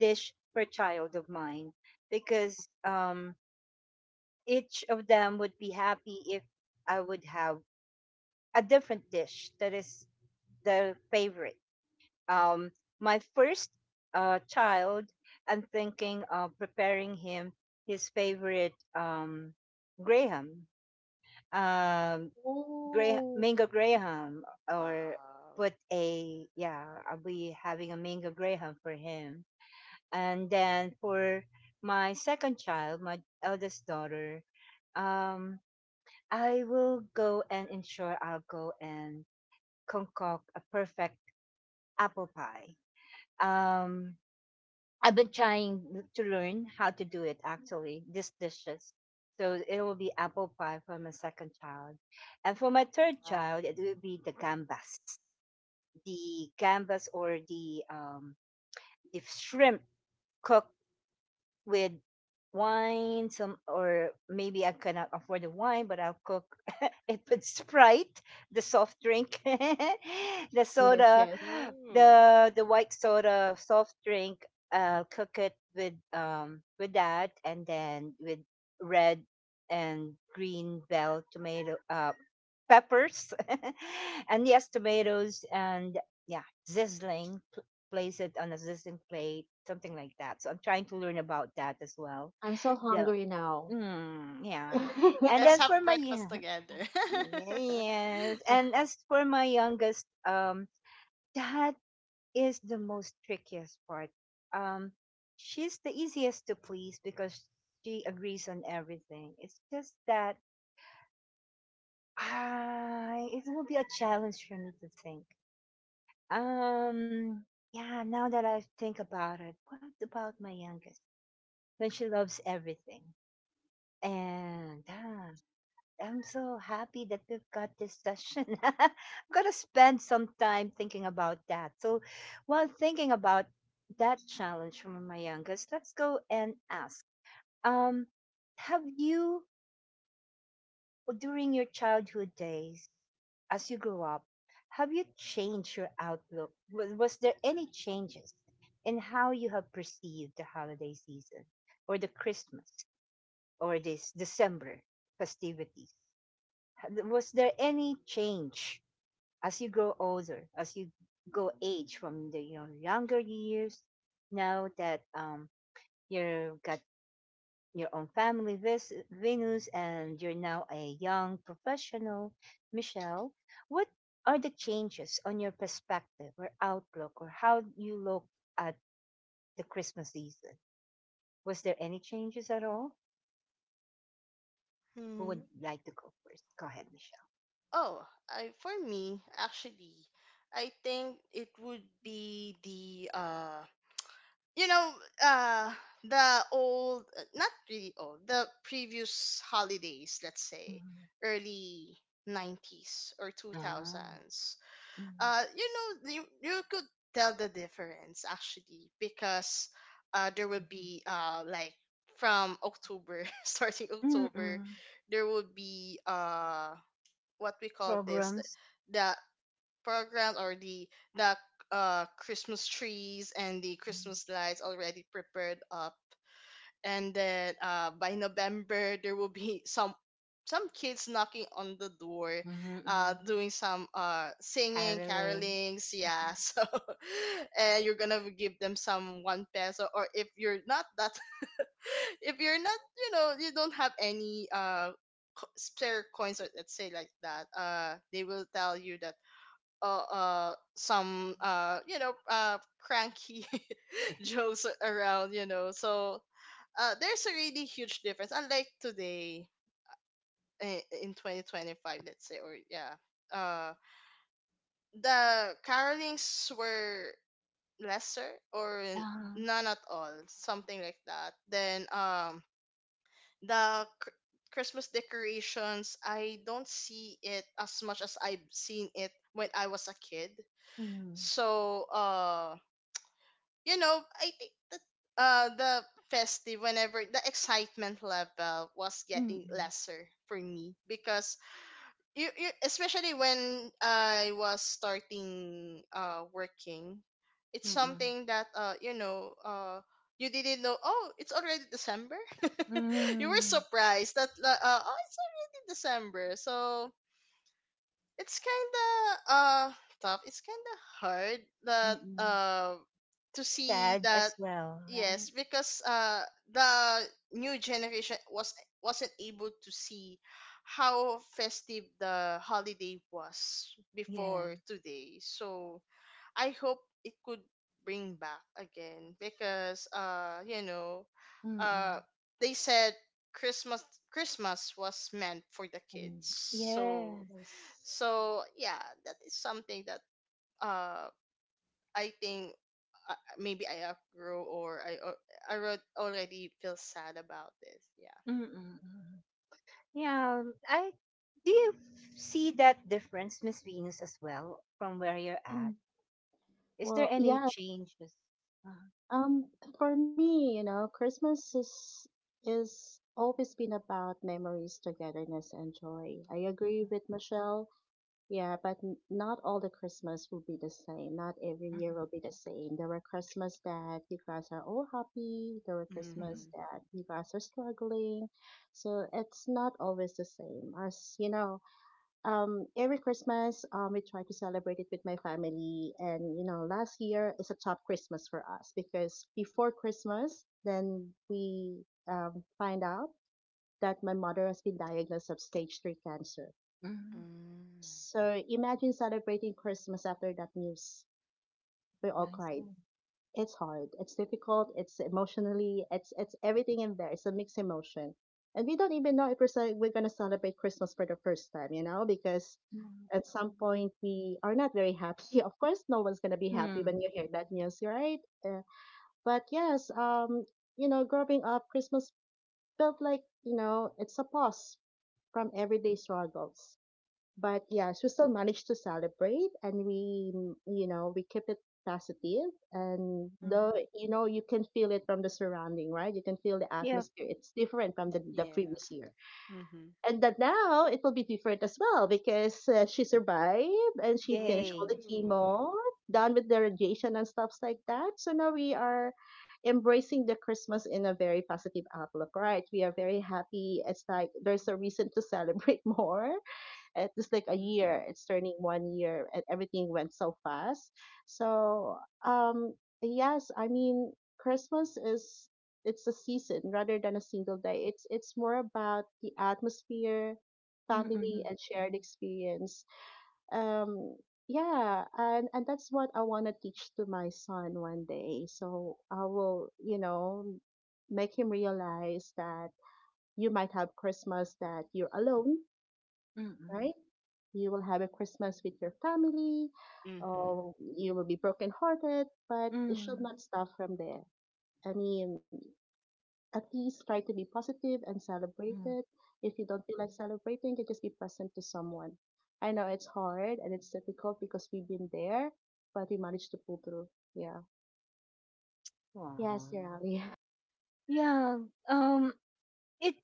[SPEAKER 1] dish per child of mine, because each of them would be happy if I would have a different dish that is their favorite. um, my first child, I'm thinking of preparing him his favorite Graham, um, Graham,
[SPEAKER 3] Ooh.
[SPEAKER 1] mango Graham, or
[SPEAKER 2] Wow.
[SPEAKER 1] put a yeah, I'll be having a mango Graham for him. And then for my second child, my eldest daughter, um, I'll go and concoct a perfect apple pie. Um, I've been trying to learn how to do it, actually, these dishes. So it will be apple pie for my second child. And for my third
[SPEAKER 3] Wow.
[SPEAKER 1] child, it will be the gambas. The gambas, or the the shrimp cooked with wine some, or maybe I cannot afford the wine, but I'll cook *laughs* it with Sprite, the soft drink, *laughs* the
[SPEAKER 3] Yes,
[SPEAKER 1] soda,
[SPEAKER 3] yes.
[SPEAKER 2] Mm.
[SPEAKER 1] the white soda soft drink. I'll cook it with with that, and then with red and green bell tomato peppers, *laughs* and yes, tomatoes, and yeah, sizzling, place it on a resistant plate, something like that. So I'm trying to learn about that as well.
[SPEAKER 3] I'm so
[SPEAKER 1] Yeah.
[SPEAKER 3] hungry now.
[SPEAKER 1] Mm,
[SPEAKER 3] *laughs*
[SPEAKER 1] yeah. And
[SPEAKER 2] Let's
[SPEAKER 1] then
[SPEAKER 2] have
[SPEAKER 1] for my
[SPEAKER 2] breakfast together.
[SPEAKER 1] *laughs* yes, and
[SPEAKER 2] *laughs*
[SPEAKER 1] as for my youngest, that is the most trickiest part. Um, she's the easiest to please because she agrees on everything. It's just that I it will be a challenge for me to think. Um, yeah, now that I think about it, what about my youngest, when she loves everything? And I'm so happy that we've got this session. *laughs* I'm gonna spend some time thinking about that. So, while thinking about that challenge from my youngest, let's go and ask. Um, have you, during your childhood days, as you grew up, have you changed your outlook? Was there any changes in how you have perceived the holiday season or the Christmas? Or this December
[SPEAKER 2] Mm-hmm.
[SPEAKER 1] festivities?
[SPEAKER 2] Well, for the
[SPEAKER 1] Was there any
[SPEAKER 2] changes,
[SPEAKER 1] change
[SPEAKER 2] I guess,
[SPEAKER 1] as you grow older, as you go
[SPEAKER 2] I
[SPEAKER 1] age from the your
[SPEAKER 2] think,
[SPEAKER 1] younger years, now that you've
[SPEAKER 2] I
[SPEAKER 1] got
[SPEAKER 2] think I have
[SPEAKER 1] your own
[SPEAKER 2] to,
[SPEAKER 1] family, Venus, and you're now a young professional, Michelle? What are the
[SPEAKER 2] hello?
[SPEAKER 1] changes on your
[SPEAKER 2] And,
[SPEAKER 1] perspective or outlook or how you look at the Christmas season? Was there any changes at all? Who
[SPEAKER 2] hmm
[SPEAKER 1] would like to go first? Go ahead,
[SPEAKER 2] Oh, I, for me, actually, I think it would be the, you know, uh, not really old, the previous holidays, let's say,
[SPEAKER 1] Michelle.
[SPEAKER 2] early 90s or
[SPEAKER 1] Ah,
[SPEAKER 2] 2000s.
[SPEAKER 1] mhm,
[SPEAKER 2] You know, you could tell the difference, actually, because there will
[SPEAKER 1] mhm.
[SPEAKER 2] be like from October, *laughs* starting October
[SPEAKER 1] Mm,
[SPEAKER 2] there will be what we call this
[SPEAKER 1] programs.
[SPEAKER 2] the program or the the Christmas trees and the
[SPEAKER 1] Mhm,
[SPEAKER 2] Christmas lights already prepared up. And then by November there will be *laughs* some kids knocking on the door,
[SPEAKER 1] mhm, mhm.
[SPEAKER 2] doing some singing,
[SPEAKER 1] Caroling.
[SPEAKER 2] carolings,
[SPEAKER 1] Mhm.
[SPEAKER 2] yeah. *laughs* So, and you're gonna give them some one peso, or if you're not that, *laughs* if you're not, you know, you don't have any spare coins, or let's say like that, they will tell you that some you know, cranky *laughs* jokes around, you know. So there's a really huge difference. Unlike today, eh, in 2025, let's say, or yeah, uh, the carolings were lesser or
[SPEAKER 1] Ah,
[SPEAKER 2] none at all, something like that. Then the cr- Christmas decorations, I don't see it as much as I've seen it when I was a kid.
[SPEAKER 1] mm,
[SPEAKER 2] So I think that the festive, whenever the excitement level was getting
[SPEAKER 1] mm,
[SPEAKER 2] lesser for me, because you, especially when I was starting working, it's
[SPEAKER 1] mm,
[SPEAKER 2] something that you didn't know, oh, it's already December. *laughs* You were
[SPEAKER 1] mm,
[SPEAKER 2] surprised that, oh, it's already December, so it's kinda uh tough. It's kinda hard that
[SPEAKER 1] mm.
[SPEAKER 2] to see
[SPEAKER 1] Sad
[SPEAKER 2] that.
[SPEAKER 1] as well, right?
[SPEAKER 2] Yes, because the new generation wasn't able to see how festive the holiday was
[SPEAKER 1] Yeah.
[SPEAKER 2] before today. So I hope it could bring back again, because uh
[SPEAKER 1] Mm-mm.
[SPEAKER 2] they said Christmas Christmas was meant for the kids.
[SPEAKER 3] Mm,
[SPEAKER 2] So
[SPEAKER 1] Yes.
[SPEAKER 3] yes.
[SPEAKER 2] so yeah, that is something that uh I think, maybe I outgrow, or already feel sad about this, yeah.
[SPEAKER 1] Mm-mm. Mm-mm. Yeah. I Do you see that difference, Miss Venus, as well, from where you're at?
[SPEAKER 3] Mm.
[SPEAKER 1] Is there
[SPEAKER 3] Well,
[SPEAKER 1] any
[SPEAKER 3] yeah.
[SPEAKER 1] changes? Uh,
[SPEAKER 3] Um, for me, you know, Christmas is always been about memories, togetherness, and joy. I agree with Michelle. Yeah, but n- not all the Christmas will be the same. Not every year
[SPEAKER 1] mhm,
[SPEAKER 3] will be the same. There were Christmas that you guys are all happy. There were
[SPEAKER 1] mhm,
[SPEAKER 3] Christmas
[SPEAKER 2] Mm-hmm.
[SPEAKER 3] that you guys are struggling. So it's not always the same. As you know, every Christmas, we try to celebrate it with my family. And, you know, last year is a tough Christmas for us because before Christmas, then we find out that my mother has been diagnosed of stage three cancer.
[SPEAKER 1] mhm.
[SPEAKER 2] Mm.
[SPEAKER 3] So imagine celebrating Christmas after that news. We all
[SPEAKER 1] I
[SPEAKER 3] cried.
[SPEAKER 1] see.
[SPEAKER 3] It's hard. It's difficult. It's emotionally. It's everything in there. It's a mixed emotion, and we don't even know if we're, ce- we're gonna celebrate Christmas for the first time, you know, because
[SPEAKER 1] Mhm,
[SPEAKER 3] at some point we are not very happy. *laughs* Of course, no one's gonna be happy
[SPEAKER 1] hmm,
[SPEAKER 3] when you hear that news, right? But yes, you know, growing up, Christmas felt like, you know, it's a pause from everyday struggles. But yes, we still managed to celebrate, and we you know, we keep it positive positive. And
[SPEAKER 1] hmm.
[SPEAKER 3] though, you know, you can feel it from the surrounding, right? You can feel the
[SPEAKER 1] Yup,
[SPEAKER 3] atmosphere. It's different from the
[SPEAKER 2] Yeah.
[SPEAKER 3] previous year,
[SPEAKER 2] Mm-hmm.
[SPEAKER 3] and that now it will be different as well because she survived and she finished all
[SPEAKER 1] yay.
[SPEAKER 3] the
[SPEAKER 2] Ooh.
[SPEAKER 3] chemo, done with the radiation and stuffs like that. So now we are embracing the Christmas in a very positive outlook, right? We are very happy. It's like there's a reason to celebrate *laughs* more. It was like a
[SPEAKER 2] Mm.
[SPEAKER 3] year. It's turning one year and everything went so fast. So um yes I mean, Christmas is, it's a season rather than a single day. It's more about the atmosphere,
[SPEAKER 1] Mm, mm, yeah. Yay.
[SPEAKER 3] family
[SPEAKER 1] Mm-mm.
[SPEAKER 3] and shared experience. um yeah, and that's what I want to teach to my son one day. So I will, you know, make him realize that you might have Christmas that you're alone,
[SPEAKER 1] Mm-mm.
[SPEAKER 3] right? You will have a Christmas with your family.
[SPEAKER 2] Mm-hmm.
[SPEAKER 3] Oh, you will be brokenhearted, but it should
[SPEAKER 1] Mm,
[SPEAKER 3] not stop from there. I mean, at least try to be positive and celebrate it.
[SPEAKER 1] mm.
[SPEAKER 3] If you don't feel like celebrating, you just be present to someone. I know it's hard and it's difficult because we've been there, but we managed to pull through. Yeah. Yes,
[SPEAKER 1] Wow.
[SPEAKER 3] yeah. *laughs*
[SPEAKER 1] Yeah, um, it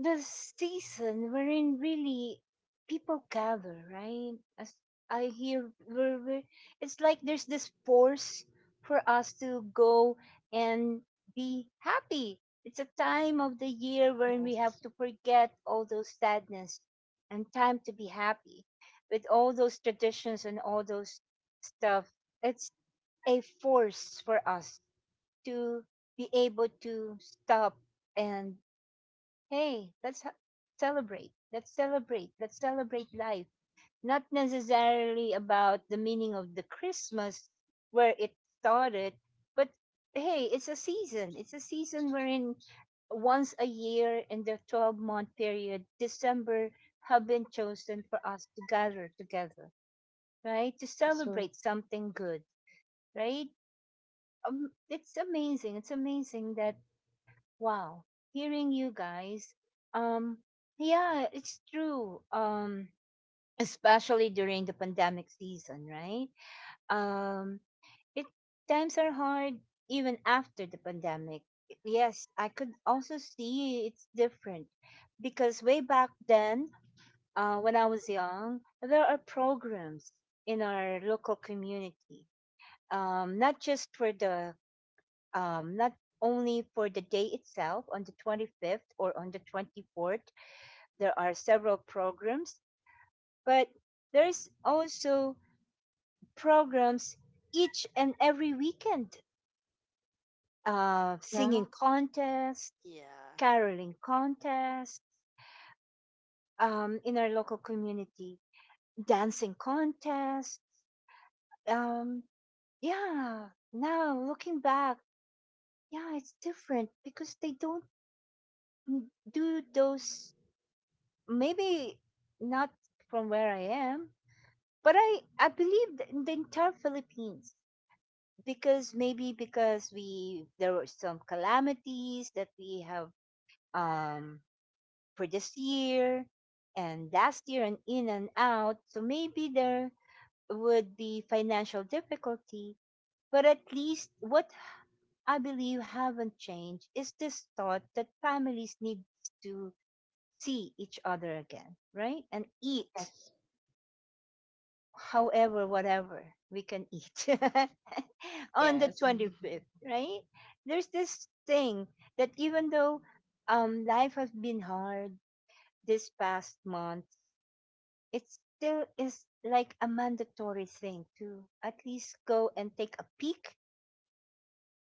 [SPEAKER 1] the season wherein really people gather, right? As I hear, it's like there's this force for us to go and be happy. It's a time of the year wherein we have
[SPEAKER 3] Yes,
[SPEAKER 1] to forget all those sadness and time to be happy with all those traditions and all those stuff. It's a force for us to be able to stop and, hey, let's celebrate. Let's celebrate. Let's celebrate life. Not necessarily about the meaning of the Christmas where it started, but hey, it's a season. It's a season wherein once a year in the 12-month period, December have been chosen for us to gather together, right? To
[SPEAKER 3] that's true.
[SPEAKER 1] celebrate something good, right? It's amazing. It's amazing that, wow, hearing you guys. Um, yeah, it's true. Especially during the pandemic season, right? Um, it times are hard even after the pandemic. Yes, I could also see it's different because way back then, when I was young, there are programs in our local community. Um, not just for the Not only for the day itself on the 25th or on the 24th. There are several programs, but there's also programs each and every weekend,
[SPEAKER 3] Yeah.
[SPEAKER 1] singing contests,
[SPEAKER 2] Yeah.
[SPEAKER 1] caroling contests, in our local community, dancing contests. Um, yeah, now looking back, yeah, it's different because they don't do those. Maybe not from where I am, but I believe in the entire Philippines, because maybe because we there were some calamities that we have um for this year and last year, and in and out. So maybe there would be financial difficulty, but at least what I believe haven't changed is this thought that families need to see each other again, right? And eat
[SPEAKER 3] Yes.
[SPEAKER 1] however, whatever we can eat *laughs* on the
[SPEAKER 3] Yes.
[SPEAKER 1] 25th,
[SPEAKER 2] *laughs*
[SPEAKER 1] right? There's this thing that even though, life has been hard this past month, it still is like a mandatory thing to at least go and take a peek,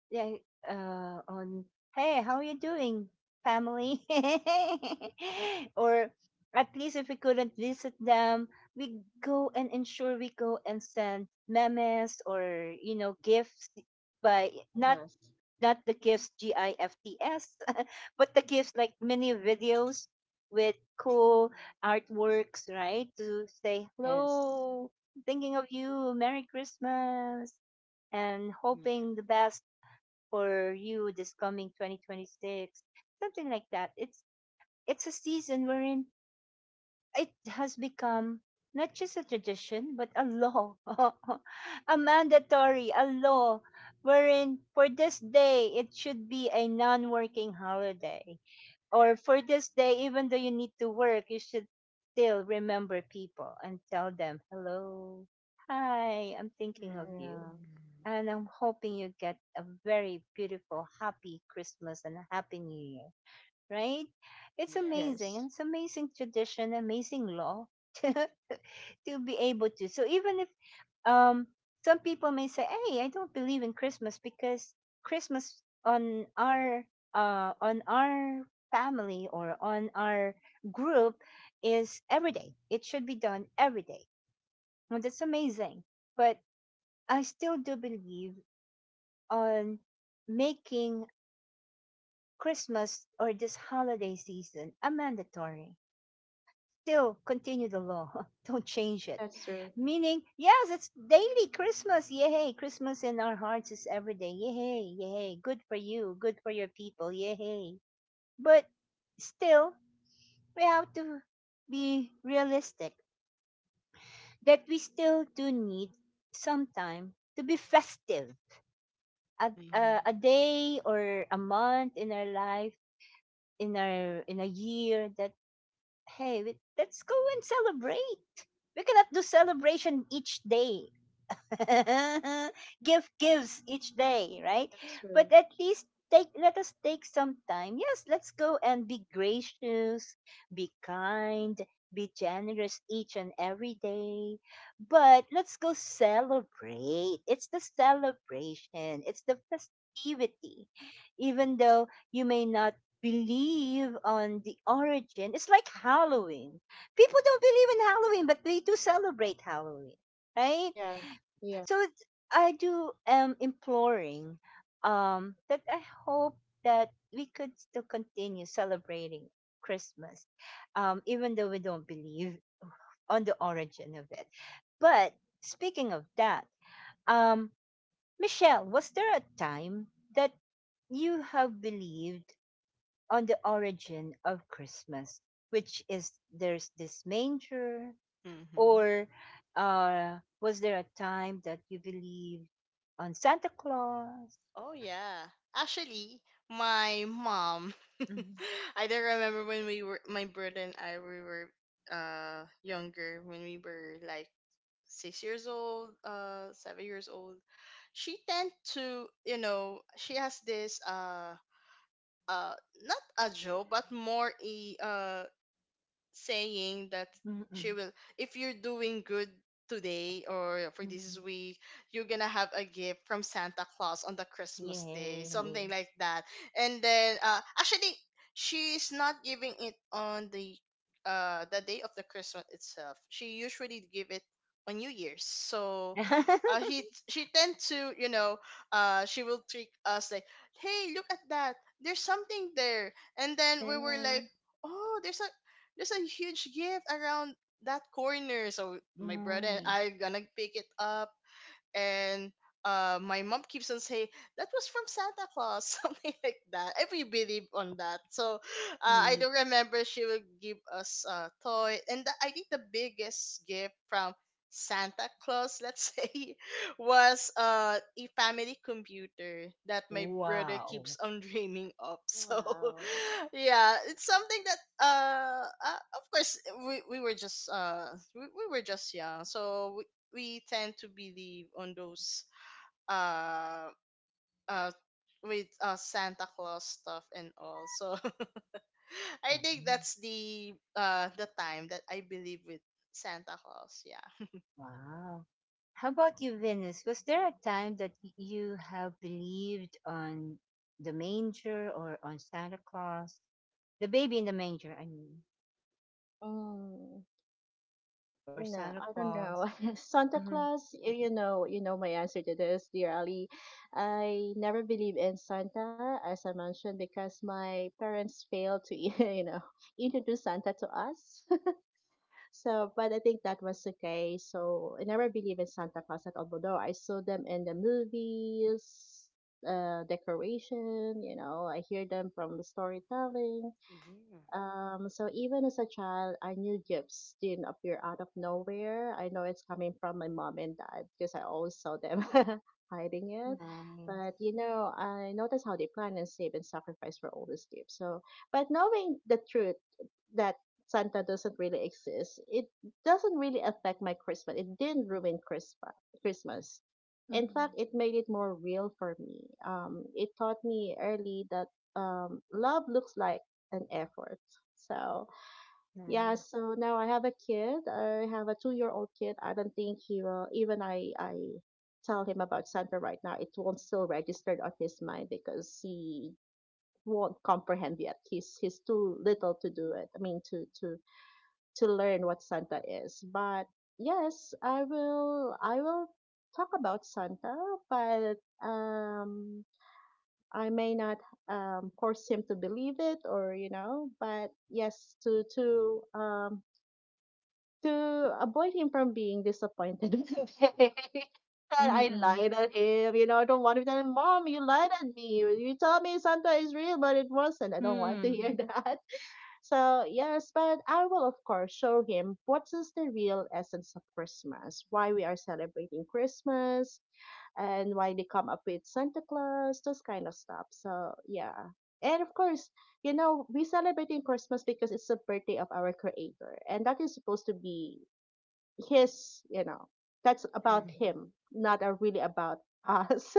[SPEAKER 1] yeah, on, hey, how are you doing, family? *laughs* Or at least if we couldn't visit them, we go and send memes or gifts, by not,
[SPEAKER 3] Yes.
[SPEAKER 1] the gifts G I F T S, *laughs* but the gifts like mini videos with cool artworks, right? To say
[SPEAKER 3] Yes.
[SPEAKER 1] hello, thinking of you, Merry Christmas, and
[SPEAKER 2] Yeah.
[SPEAKER 1] hoping the best for you this coming 2026, something like that. It's a season wherein it has become not just a tradition but a law, *laughs* a mandatory, a law wherein for this day it should be a non-working holiday, or for this day even though you need to work, you should still remember people and tell them, hello, hi, I'm thinking of
[SPEAKER 2] Mm.
[SPEAKER 1] you,
[SPEAKER 3] Yeah.
[SPEAKER 2] Mm.
[SPEAKER 1] and I'm hoping you get a very beautiful, happy Christmas and a happy new year, right? It's
[SPEAKER 2] Yeah.
[SPEAKER 1] amazing.
[SPEAKER 3] Yes.
[SPEAKER 1] It's amazing tradition, amazing law, *laughs* to, to be able to. So even if, um, some people may say, hey, I don't believe in Christmas because Christmas on our family or on our group is every day. It should be done every day. Well, that's amazing. But I still do believe on making Christmas or this holiday season a mandatory. Still continue the law. *laughs* Don't change it.
[SPEAKER 3] That's true.
[SPEAKER 1] Meaning, yes, it's daily Christmas. Yay. Christmas in our hearts is every day. Yay. Yay. Good for you. Good for your people. Yay. But still, we have to be realistic that we still do need some time to be festive.
[SPEAKER 2] Mm-hmm.
[SPEAKER 1] A day or a month in our life in a year that, hey, let's go and celebrate. We cannot do celebration each day. *laughs* gift Gives each day, right?
[SPEAKER 3] That's true.
[SPEAKER 1] But at least take let us take some time. Yes, let's go and be gracious, be kind, be generous each and every day. But let's go celebrate. It's the celebration. It's the festivity. Even though you may not believe on the origin, it's like Halloween. People don't believe in Halloween, but they do celebrate Halloween, right?
[SPEAKER 3] Yeah. Yeah.
[SPEAKER 1] So I do am imploring, that I hope that we could still continue celebrating Christmas, even though we don't believe on the origin of it. But speaking of that, um, Michelle, was there a time that you have believed on the origin of Christmas, which is there's this manger?
[SPEAKER 2] Mm-hmm.
[SPEAKER 1] Or, was there a time that you believed on Santa Claus?
[SPEAKER 2] Oh, yeah. Actually, my mom. *laughs*
[SPEAKER 1] Mm-mm,
[SPEAKER 2] I don't remember, when we were, my brother and I, we were younger, when we were like 6 years old, 7 years old. She tend to, she has this uh not a joke but more a saying that she
[SPEAKER 1] mm-mm,
[SPEAKER 2] will, if you're doing good today or for this
[SPEAKER 1] mm-mm.
[SPEAKER 2] week, you're gonna have a gift from Santa Claus on the Christmas day,
[SPEAKER 1] Yay.
[SPEAKER 2] something like that. And then actually, she's not giving it on the day of the Christmas itself. She usually give it on New Year's, so
[SPEAKER 1] *laughs*
[SPEAKER 2] he she tend to, she will trick us, like, hey, look at that, there's something there. And then
[SPEAKER 1] Yeah,
[SPEAKER 2] we were like, oh, there's a, huge gift around that corner. So my brother and
[SPEAKER 1] nice,
[SPEAKER 2] I gonna pick it up, and my mom keeps on saying that was from Santa Claus, *laughs* something like that. And we believe on that. So I
[SPEAKER 1] sweet.
[SPEAKER 2] do remember she would give us a toy, and, the, I think the biggest gift from Santa Claus, let's *laughs* say, was a family computer that my brother keeps
[SPEAKER 1] Wow.
[SPEAKER 2] on dreaming of. *laughs* So
[SPEAKER 3] Wow.
[SPEAKER 2] yeah, it's something that, of course, we were just we were just young, so we tend to believe on those, uh uh with Santa Claus stuff and all. So *laughs* I think
[SPEAKER 1] Nice.
[SPEAKER 2] that's the time that I believe with Santa Claus. Yeah.
[SPEAKER 1] Wow. How about you, Venus? Was there a time that you have believed on the manger or on Santa Claus? The baby in the manger, I mean,
[SPEAKER 3] Mm,
[SPEAKER 1] or
[SPEAKER 3] no,
[SPEAKER 1] Santa
[SPEAKER 3] I don't
[SPEAKER 1] Claus.
[SPEAKER 3] know. *laughs* Santa
[SPEAKER 1] Mm-hmm.
[SPEAKER 3] Claus, y- you know my answer to this, dear Ali. I never believe in Santa, as I mentioned, because my parents failed to, *laughs* you know, introduce Santa to us. *laughs* So, but I think that was okay. So I never believe in Santa Claus at all, although I saw them in the movies, decoration, you know, I hear them from the storytelling.
[SPEAKER 2] Yeah.
[SPEAKER 3] So even as a child, I knew gifts didn't appear out of nowhere. I know it's coming from my mom and dad because I always saw them *laughs* hiding it.
[SPEAKER 1] Nice.
[SPEAKER 3] But, you know, I noticed how they plan and save and sacrifice for all these gifts. So, but knowing the truth that Santa doesn't really exist, it doesn't really affect my Christmas. It didn't ruin Christmas. Christmas. In
[SPEAKER 1] Mm-hmm.
[SPEAKER 3] fact, it made it more real for me. It taught me early that love looks like and effort. So
[SPEAKER 1] Nice.
[SPEAKER 3] yeah, so now I have a kid. I have a two-year-old kid. I don't think he will. Even I tell him about Sandra right now, it won't still register on his mind because he won't comprehend yet. He's too little to do it. I mean, to learn what Santa is. But yes, I will. I will talk about Santa, but um I may not force him to believe it, or you know, but yes, to avoid him from being disappointed. *laughs* that I
[SPEAKER 1] Mm-mm.
[SPEAKER 3] lied at him, you know. I don't want to tell him, Mom, you lied at me. You told me Santa is real, but it wasn't. I don't want to hear
[SPEAKER 1] Mm-mm.
[SPEAKER 3] *laughs* that. So yes, but I will, of course, show him what is the real essence of Christmas, why we are celebrating Christmas, and why they come up with Santa Claus, those kind of stuff. So yeah. And of course, you know, we celebrating Christmas because it's the birthday of our creator. And that is supposed to be his, you know, that's
[SPEAKER 1] Mm,
[SPEAKER 3] about him,
[SPEAKER 2] Mm-hmm.
[SPEAKER 3] not really about us.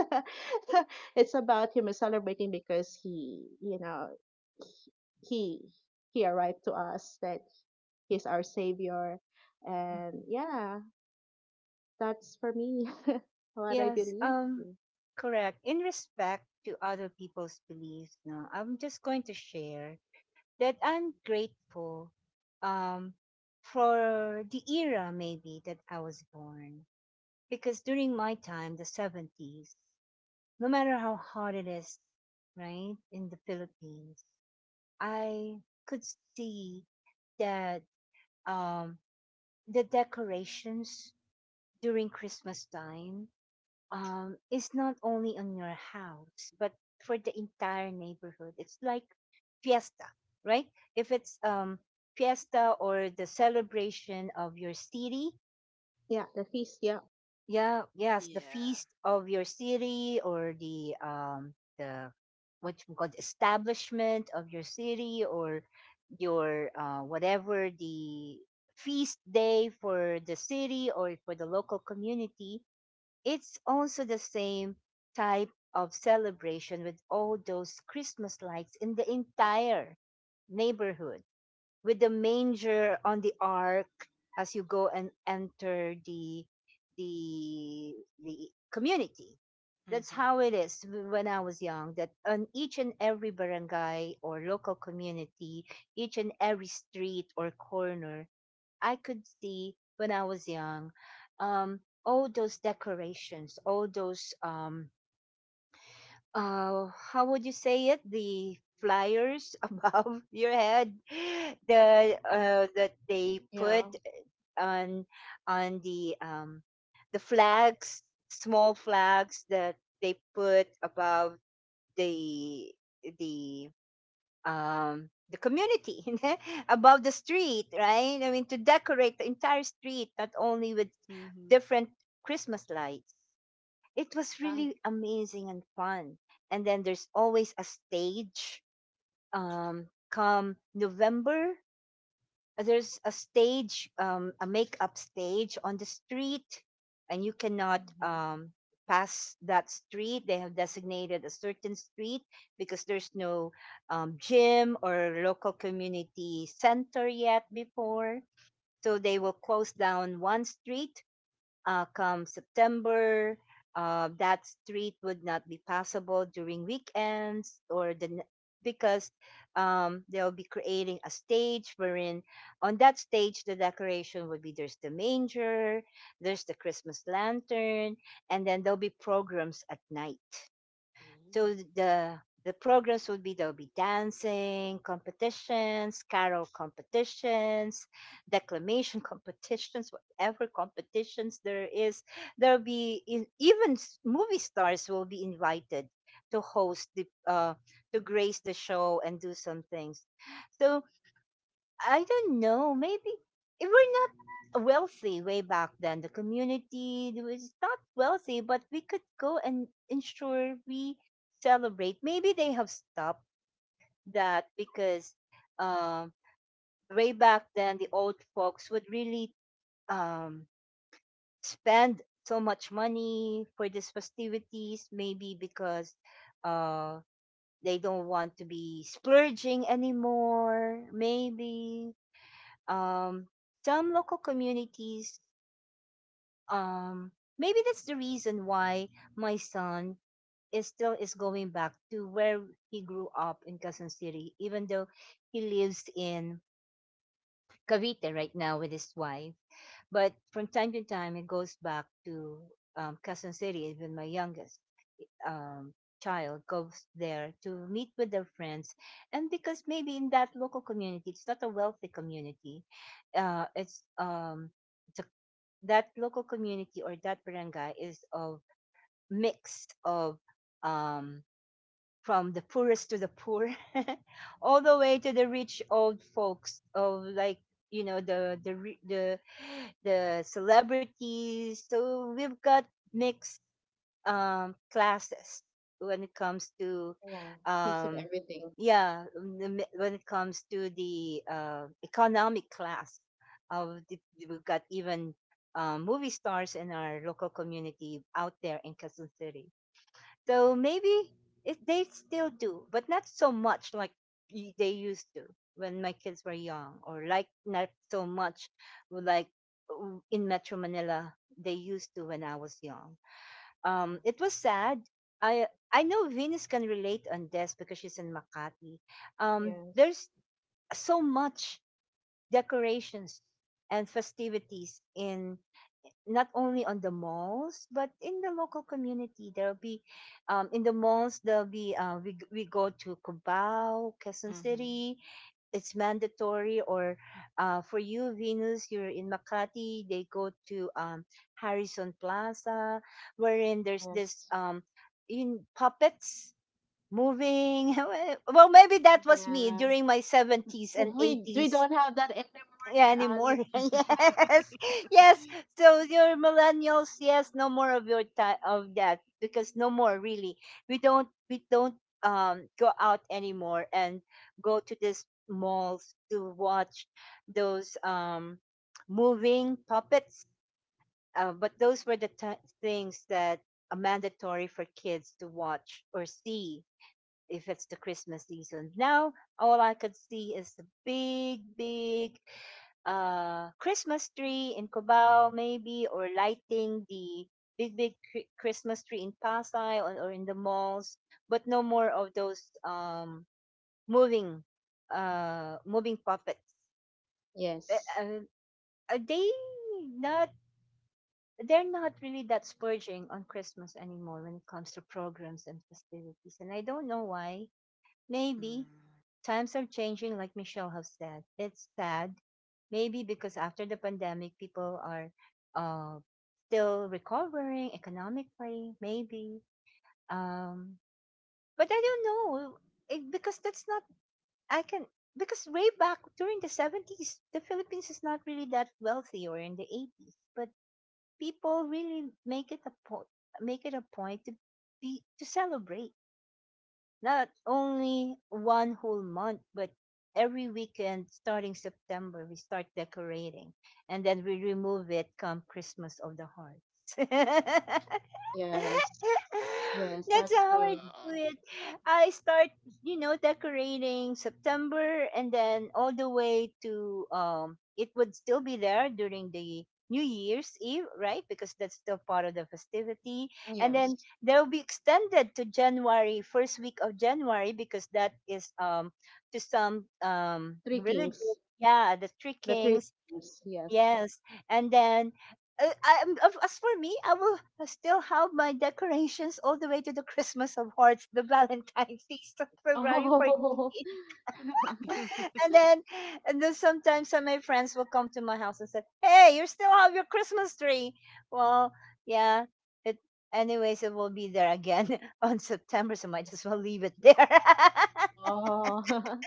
[SPEAKER 3] *laughs* it's about him celebrating because he, you know, he he arrived to us that he's our savior.
[SPEAKER 1] mhm.
[SPEAKER 3] And yeah, that's for me *laughs* what I
[SPEAKER 1] Yes,
[SPEAKER 3] believe.
[SPEAKER 1] correct. In respect to other people's beliefs, no, I'm just going to share that I'm grateful um for the era maybe that I was born. Because during my time, the 70s, no matter how hard it is, right, in the Philippines, I could see that um the decorations during Christmas time is not only on your house, but for the entire neighborhood. It's like fiesta, right? If it's fiesta or the celebration of your city,
[SPEAKER 3] Yeah, the feast. Yeah,
[SPEAKER 1] yeah, yes, the
[SPEAKER 2] Yeah.
[SPEAKER 1] feast of your city or the what you call it, establishment of your city or your whatever the feast day for the city or for the local community, it's also the same type of celebration with all those Christmas lights in the entire neighborhood, with the manger on the ark as you go and enter the the community. That's
[SPEAKER 2] Mm-hmm.
[SPEAKER 1] how it is when I was young. That on each and every barangay or local community, each and every street or corner, I could see when I was young, um, all those decorations, all those how would you say it? The flyers *laughs* above your head, the that they put
[SPEAKER 3] yeah,
[SPEAKER 1] on on the flags, small flags that they put above the the the community, *laughs* above the street, right? I mean, to decorate the entire street, not only with
[SPEAKER 2] Mm-hmm.
[SPEAKER 1] different Christmas lights. It was
[SPEAKER 3] yeah,
[SPEAKER 1] really amazing and fun. And then there's always a stage, come November, there's a stage, a makeup stage on the street, and you cannot
[SPEAKER 2] Mm-hmm.
[SPEAKER 1] pass that street. They have designated a certain street because there's no gym or local community center yet before. So they will close down one street, come September, that street would not be passable during weekends or because they'll be creating a stage wherein on that stage the decoration would be there's the manger, there's the Christmas lantern, and then there'll be programs at night.
[SPEAKER 2] Ooh.
[SPEAKER 1] So the programs would be there'll be dancing competitions, carol competitions, declamation *laughs* competitions, whatever competitions there is. There'll be even movie stars will be invited to host the to grace the show and do some things. So I don't know. Maybe we're not wealthy way back then. The community was not wealthy, but we could go and ensure we celebrate. Maybe they have stopped that because um, way back then the old folks would really um, spend so much money for these festivities. Maybe because uh, they don't want to be splurging anymore. Maybe um, some local communities, um, maybe that's the reason why my son is still is going back to where he grew up in Quezon City even though he lives in Cavite right now with his wife. But from time to time, it goes back to Quezon City. Even my youngest um, child goes there to meet with their friends. And because maybe in that local community, it's not a wealthy community, uh, it's, um, it's a, that local community or that barangay is of mix of um, from the poorest to the poor, *laughs* all the way to the rich old folks of like, you know, the *sighs* the celebrities. So we've got mixed classes when it comes to
[SPEAKER 3] yeah. Mix of
[SPEAKER 1] um,
[SPEAKER 3] everything.
[SPEAKER 1] yeah, when it comes to the economic class of the, we've got even movie stars in our local community out there in Quezon City. So maybe if they still do, but not so much like they used to when my kids were young, or like not so much like in Metro Manila they used to when I was young.
[SPEAKER 3] Yeah.
[SPEAKER 1] It was sad. I I know Venus can relate on this because she's in Makati.
[SPEAKER 3] Yes,
[SPEAKER 1] There's so much decorations and festivities in, not only on the malls but in the local community there'll be in the malls there'll be we go to Cubao, Quezon
[SPEAKER 2] Mm-hmm. *laughs*
[SPEAKER 1] City, it's mandatory or for you Venus, you're in Makati, they go to Harrison Plaza wherein there's this
[SPEAKER 3] yes,
[SPEAKER 1] in puppets moving. *laughs* Well maybe that was me
[SPEAKER 3] yeah.
[SPEAKER 1] during my 70s and
[SPEAKER 3] Well, we
[SPEAKER 1] 80s.
[SPEAKER 3] don't have that anymore,
[SPEAKER 1] Yeah,
[SPEAKER 3] dear
[SPEAKER 1] anymore.
[SPEAKER 3] Ali.
[SPEAKER 1] *laughs* Yes. Yes. So your millennials, yes, no more of your time of that because no more really. We don't go out anymore and go to these malls to watch those moving puppets. But those were the ti things that are mandatory for kids to watch or see if it's the Christmas season. Now, all I could see is the big, big Christmas tree in Cubao, maybe, or lighting the big, big Christmas tree in Pasay, or in the malls, but no more of those moving, moving puppets. Uh,
[SPEAKER 3] Yes,
[SPEAKER 1] uh, are they not? They're not really that splurging on Christmas anymore when it comes to programs and festivities, and I don't know why. Maybe
[SPEAKER 2] Mm-hmm.
[SPEAKER 1] times are changing, like Michelle has said. It's sad, maybe because after the pandemic, people are uh, still recovering economically, maybe. Um, but I don't know it, because that's not, I can, because way back during the 70s, the Philippines is not really that wealthy or in the 80s, but people really make it a point. Make it a point to be to celebrate not only one whole month, but every weekend starting September, we start decorating and then we remove it come Christmas of the Hearts. *laughs* *laughs* That's
[SPEAKER 3] yes, yes. That's
[SPEAKER 1] how I do
[SPEAKER 3] true.
[SPEAKER 1] it. I start, you know, decorating September and then all the way to it would still be there during the New Year's Eve, right? Because that's still part of the festivity. And then
[SPEAKER 3] Yes,
[SPEAKER 1] they'll be extended to January, first week of January, because that is to some
[SPEAKER 3] three
[SPEAKER 1] religious,
[SPEAKER 3] kings.
[SPEAKER 1] yeah, the three
[SPEAKER 3] The three
[SPEAKER 1] kings.
[SPEAKER 3] kings. Yes.
[SPEAKER 1] Yes, and then as for me, I will still have my decorations all the way to the Christmas of Hearts, the *laughs* Valentine's feast on February
[SPEAKER 3] Oh,
[SPEAKER 1] 14th.
[SPEAKER 3] *laughs*
[SPEAKER 2] *laughs*
[SPEAKER 1] *laughs* And then, and then sometimes some of my friends will come to my house and say, "Hey, you still have your Christmas tree?" Well, yeah. It anyways, it will be there again *laughs* on September, so might as well leave it there. *laughs*
[SPEAKER 3] oh, *laughs*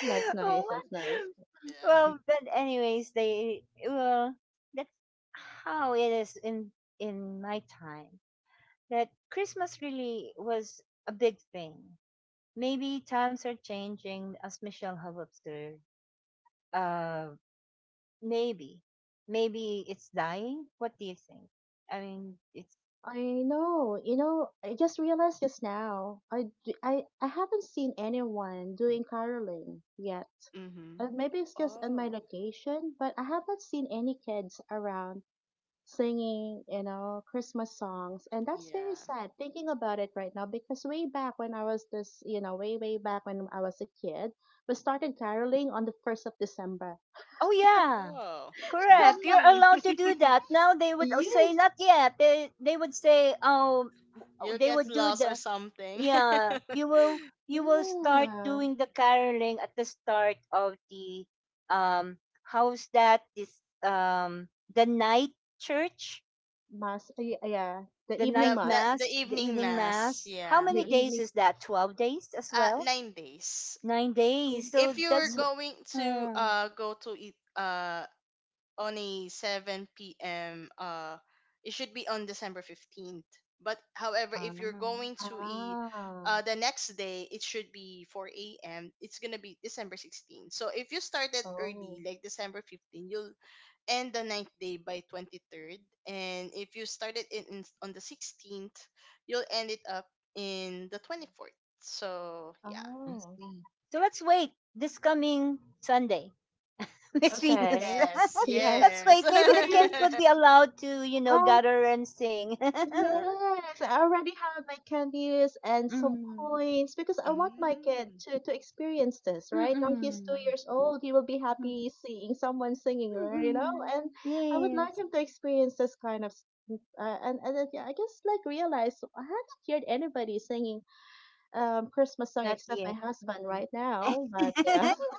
[SPEAKER 3] that's
[SPEAKER 1] Oh,
[SPEAKER 3] nice.
[SPEAKER 1] what?
[SPEAKER 3] That's nice.
[SPEAKER 2] Yeah.
[SPEAKER 1] Well, but anyways, they well that's how it is in my time, that Christmas really was a big thing. Maybe times are changing, as Michelle have observed. Uh, maybe, maybe it's dying. What do you think? I mean, it's,
[SPEAKER 3] I know, you know, I just realized just now. I haven't seen anyone doing caroling yet.
[SPEAKER 2] Mm-hmm.
[SPEAKER 3] Maybe it's just in my
[SPEAKER 2] Oh,
[SPEAKER 3] location, but I haven't seen any kids around singing, you know, Christmas songs. And that's very
[SPEAKER 2] yeah.
[SPEAKER 3] sad thinking about it right now because way back when I was this, you know, way, way back when I was a kid, we started caroling on the 1st of December.
[SPEAKER 1] oh yeah,
[SPEAKER 2] Wow.
[SPEAKER 1] correct. You're
[SPEAKER 3] *laughs*
[SPEAKER 2] Mm.
[SPEAKER 1] allowed to do
[SPEAKER 2] *laughs*
[SPEAKER 1] that now. They would, oh, say
[SPEAKER 3] Yes.
[SPEAKER 1] not yet. They would say, oh,
[SPEAKER 2] You'll
[SPEAKER 1] they
[SPEAKER 2] get
[SPEAKER 1] would do
[SPEAKER 2] lost or
[SPEAKER 1] the
[SPEAKER 2] something. *laughs*
[SPEAKER 1] yeah, you will start
[SPEAKER 3] Yeah.
[SPEAKER 1] doing the caroling at the start of the um how's that, this the night church,
[SPEAKER 3] Mass. Yeah. yeah, The
[SPEAKER 1] the
[SPEAKER 2] the,
[SPEAKER 3] evening
[SPEAKER 1] night
[SPEAKER 2] the, the,
[SPEAKER 3] mass.
[SPEAKER 2] the
[SPEAKER 1] mass, the
[SPEAKER 2] evening
[SPEAKER 1] evening
[SPEAKER 2] mass,
[SPEAKER 1] mass, how
[SPEAKER 2] yeah.
[SPEAKER 3] The
[SPEAKER 1] many days
[SPEAKER 3] evening
[SPEAKER 1] is that? 12 days as well?
[SPEAKER 2] 9 days.
[SPEAKER 1] 9 days,
[SPEAKER 3] Mm,
[SPEAKER 1] so
[SPEAKER 2] If you were
[SPEAKER 1] that's, oh,
[SPEAKER 3] mm,
[SPEAKER 2] going to
[SPEAKER 1] oh,
[SPEAKER 2] go to it on a 7 p.m., it should be on December 15th. But however,
[SPEAKER 1] I
[SPEAKER 2] if you're going to a
[SPEAKER 3] Ah,
[SPEAKER 2] the next day, it should be 4 a.m. It's gonna be December 16th. So if you started
[SPEAKER 3] oh,
[SPEAKER 2] early, like December 15th, you'll and the ninth day by 23rd. And if you started it on the 16th, you'll end it up in the 24th. So, yeah.
[SPEAKER 3] oh,
[SPEAKER 1] see. So let's wait this coming Sunday, *laughs* Miss Venus.
[SPEAKER 3] okay.
[SPEAKER 2] Yes,
[SPEAKER 1] *laughs* Let's
[SPEAKER 3] Yes.
[SPEAKER 2] yes.
[SPEAKER 1] wait, maybe the
[SPEAKER 3] Okay,
[SPEAKER 1] kids would be
[SPEAKER 3] because
[SPEAKER 1] allowed to, you know,
[SPEAKER 3] um
[SPEAKER 1] gather and sing. *laughs*
[SPEAKER 3] yes, I already have my candies and some
[SPEAKER 1] Mm,
[SPEAKER 3] coins because
[SPEAKER 2] *laughs*
[SPEAKER 3] I want my kid
[SPEAKER 2] Mm.
[SPEAKER 3] to experience this, right? Now he's
[SPEAKER 1] mm.
[SPEAKER 3] 2 years old, he will be
[SPEAKER 1] Mhm,
[SPEAKER 3] happy seeing someone singing, or you know,
[SPEAKER 1] mm.
[SPEAKER 3] and I would like
[SPEAKER 1] Yes,
[SPEAKER 3] him to experience this kind of s- and then, yeah, I just like realized I haven't heard anybody singing Christmas song
[SPEAKER 1] not
[SPEAKER 3] except my
[SPEAKER 1] yet.
[SPEAKER 3] husband right now, but yeah.
[SPEAKER 1] *laughs*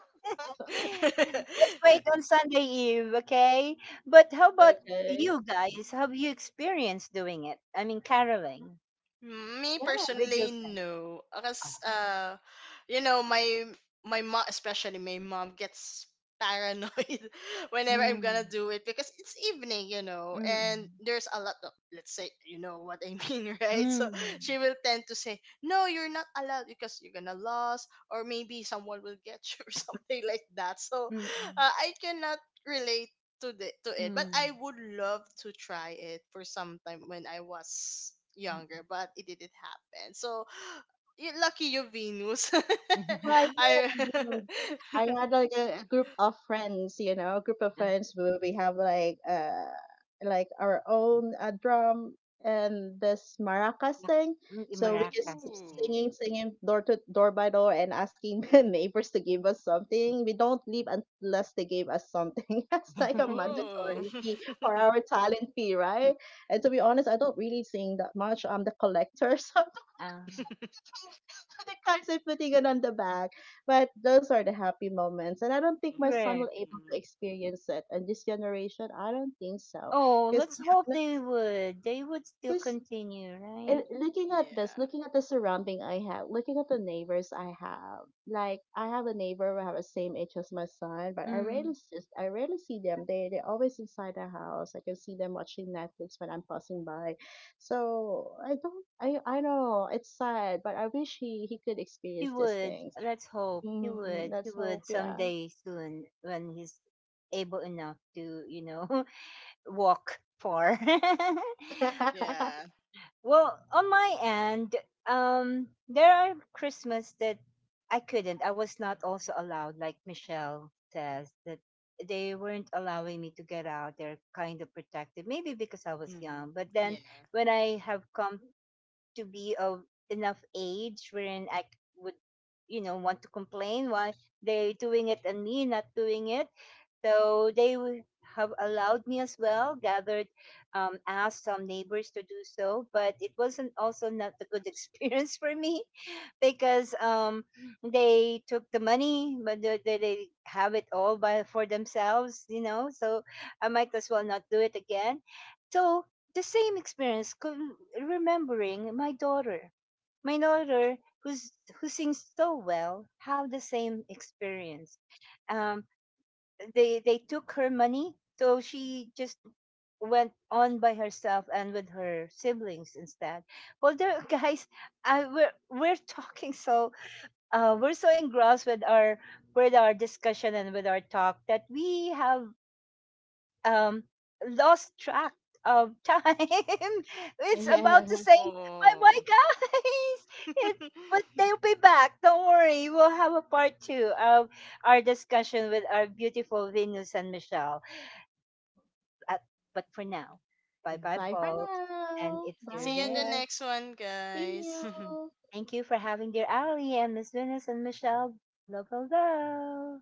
[SPEAKER 1] Let's wait
[SPEAKER 2] *laughs*
[SPEAKER 1] on Sunday Eve, okay? But how about
[SPEAKER 3] Okay.
[SPEAKER 1] you guys? Have you experienced doing it? I mean, caroling
[SPEAKER 2] Me
[SPEAKER 3] Yeah.
[SPEAKER 1] with your
[SPEAKER 2] personally,
[SPEAKER 1] friends.
[SPEAKER 2] no. Because,
[SPEAKER 1] Oh.
[SPEAKER 2] you know, my my mom, especially my mom, gets paranoid *laughs* whenever I'm gonna
[SPEAKER 1] Mm,
[SPEAKER 2] do it, because it's evening, you know, and
[SPEAKER 1] mm,
[SPEAKER 2] there's a lot of, let's say, you know what I mean, *laughs* right? So
[SPEAKER 1] mm,
[SPEAKER 2] she will tend to say, "No, you're not allowed because you're gonna lose, or maybe someone will get you *laughs* or something like that." So
[SPEAKER 1] mm,
[SPEAKER 2] I cannot relate to
[SPEAKER 1] mm,
[SPEAKER 2] it. But
[SPEAKER 1] mm.
[SPEAKER 2] I would love to try it for some time when I was younger, but it didn't happen. So *gasps* you lucky you, Venus.
[SPEAKER 3] Well, I
[SPEAKER 2] *laughs*
[SPEAKER 3] did.
[SPEAKER 1] *laughs*
[SPEAKER 2] I
[SPEAKER 3] I did.
[SPEAKER 2] *laughs*
[SPEAKER 3] I had like a group of friends, you know, a group of
[SPEAKER 1] As-
[SPEAKER 3] friends where we have like our own drum and this maracas
[SPEAKER 1] mak-
[SPEAKER 3] thing.
[SPEAKER 1] mm,
[SPEAKER 3] So we just
[SPEAKER 1] Maracas.
[SPEAKER 3] keep
[SPEAKER 2] Ooh.
[SPEAKER 3] singing, singing door to door by door and asking *laughs* the neighbors to give us something. We don't leave unless they give us something. *laughs* That's like a
[SPEAKER 1] *laughs*
[SPEAKER 2] Ooh.
[SPEAKER 3] mandatory fee for our talent fee, right? And to be honest, I don't really sing that much. I'm the collector, *laughs* so
[SPEAKER 1] Ah,
[SPEAKER 2] *laughs*
[SPEAKER 3] *laughs* the cards and putting it on the back. But those are the happy moments. And I don't think my son will able
[SPEAKER 2] Mm.
[SPEAKER 3] to experience it. And this generation, I don't think so.
[SPEAKER 1] oh,
[SPEAKER 3] Because
[SPEAKER 1] let's hope they would. They would still continue,
[SPEAKER 3] and
[SPEAKER 1] right?
[SPEAKER 3] looking at this,
[SPEAKER 2] Yeah.
[SPEAKER 3] looking at the surrounding I have, looking at the neighbors I have, like I have a neighbor who have the same age as my son, but I
[SPEAKER 1] Mm.
[SPEAKER 3] rarely just I rarely see them. They they're always inside the house. I can see them watching Netflix when I'm passing by. So I don't I know it's sad, but I wish he could
[SPEAKER 1] He
[SPEAKER 3] experience these
[SPEAKER 1] would.
[SPEAKER 3] things.
[SPEAKER 1] Let's hope he
[SPEAKER 3] Mm,
[SPEAKER 1] would. He
[SPEAKER 3] let's
[SPEAKER 1] would
[SPEAKER 3] hope, yeah.
[SPEAKER 1] someday soon when he's able enough to, you know, *laughs* walk far. *laughs*
[SPEAKER 3] *laughs*
[SPEAKER 2] Yeah.
[SPEAKER 1] Well, on my end, there are Christmas that I couldn't. I was not also allowed, like Michelle says, that they weren't allowing me to get out. They're kind of protective, maybe because I was
[SPEAKER 2] Hmm.
[SPEAKER 1] young. But then
[SPEAKER 2] Yeah.
[SPEAKER 1] when I have come to be of enough age wherein would, you know, want to complain why they're doing it and me not doing it. So they would have allowed me as well, gathered, asked some neighbors to do so, but it wasn't also not a good experience *laughs* for me because they took the money, but they have it all by for themselves, you know. So I might as well not do it again. So the same experience, remembering my daughter, my daughter who's who sings so well, have the same experience. Um, they took her money, so she just went on by herself and with her siblings instead. Well there, *laughs* guys, we're talking so we're so engrossed with our discussion and with our talk that we have um lost track of time. *laughs* It's about to
[SPEAKER 3] yeah.
[SPEAKER 1] say bye
[SPEAKER 2] Oh.
[SPEAKER 1] bye, guys. *laughs* it, but
[SPEAKER 2] *laughs*
[SPEAKER 1] they'll be back, don't worry, we'll have a part two of our discussion with our beautiful Venus and Michelle. but, but for now, bye bye,
[SPEAKER 2] Mhm.
[SPEAKER 3] Bye for
[SPEAKER 1] folks. And
[SPEAKER 3] now.
[SPEAKER 1] it's your,
[SPEAKER 2] See you in the
[SPEAKER 3] Bye.
[SPEAKER 1] yeah.
[SPEAKER 2] next one,
[SPEAKER 3] See
[SPEAKER 2] guys. *laughs*
[SPEAKER 3] you.
[SPEAKER 1] Thank you for having dear Ali and Miss Venus and Michelle. Love, love, love.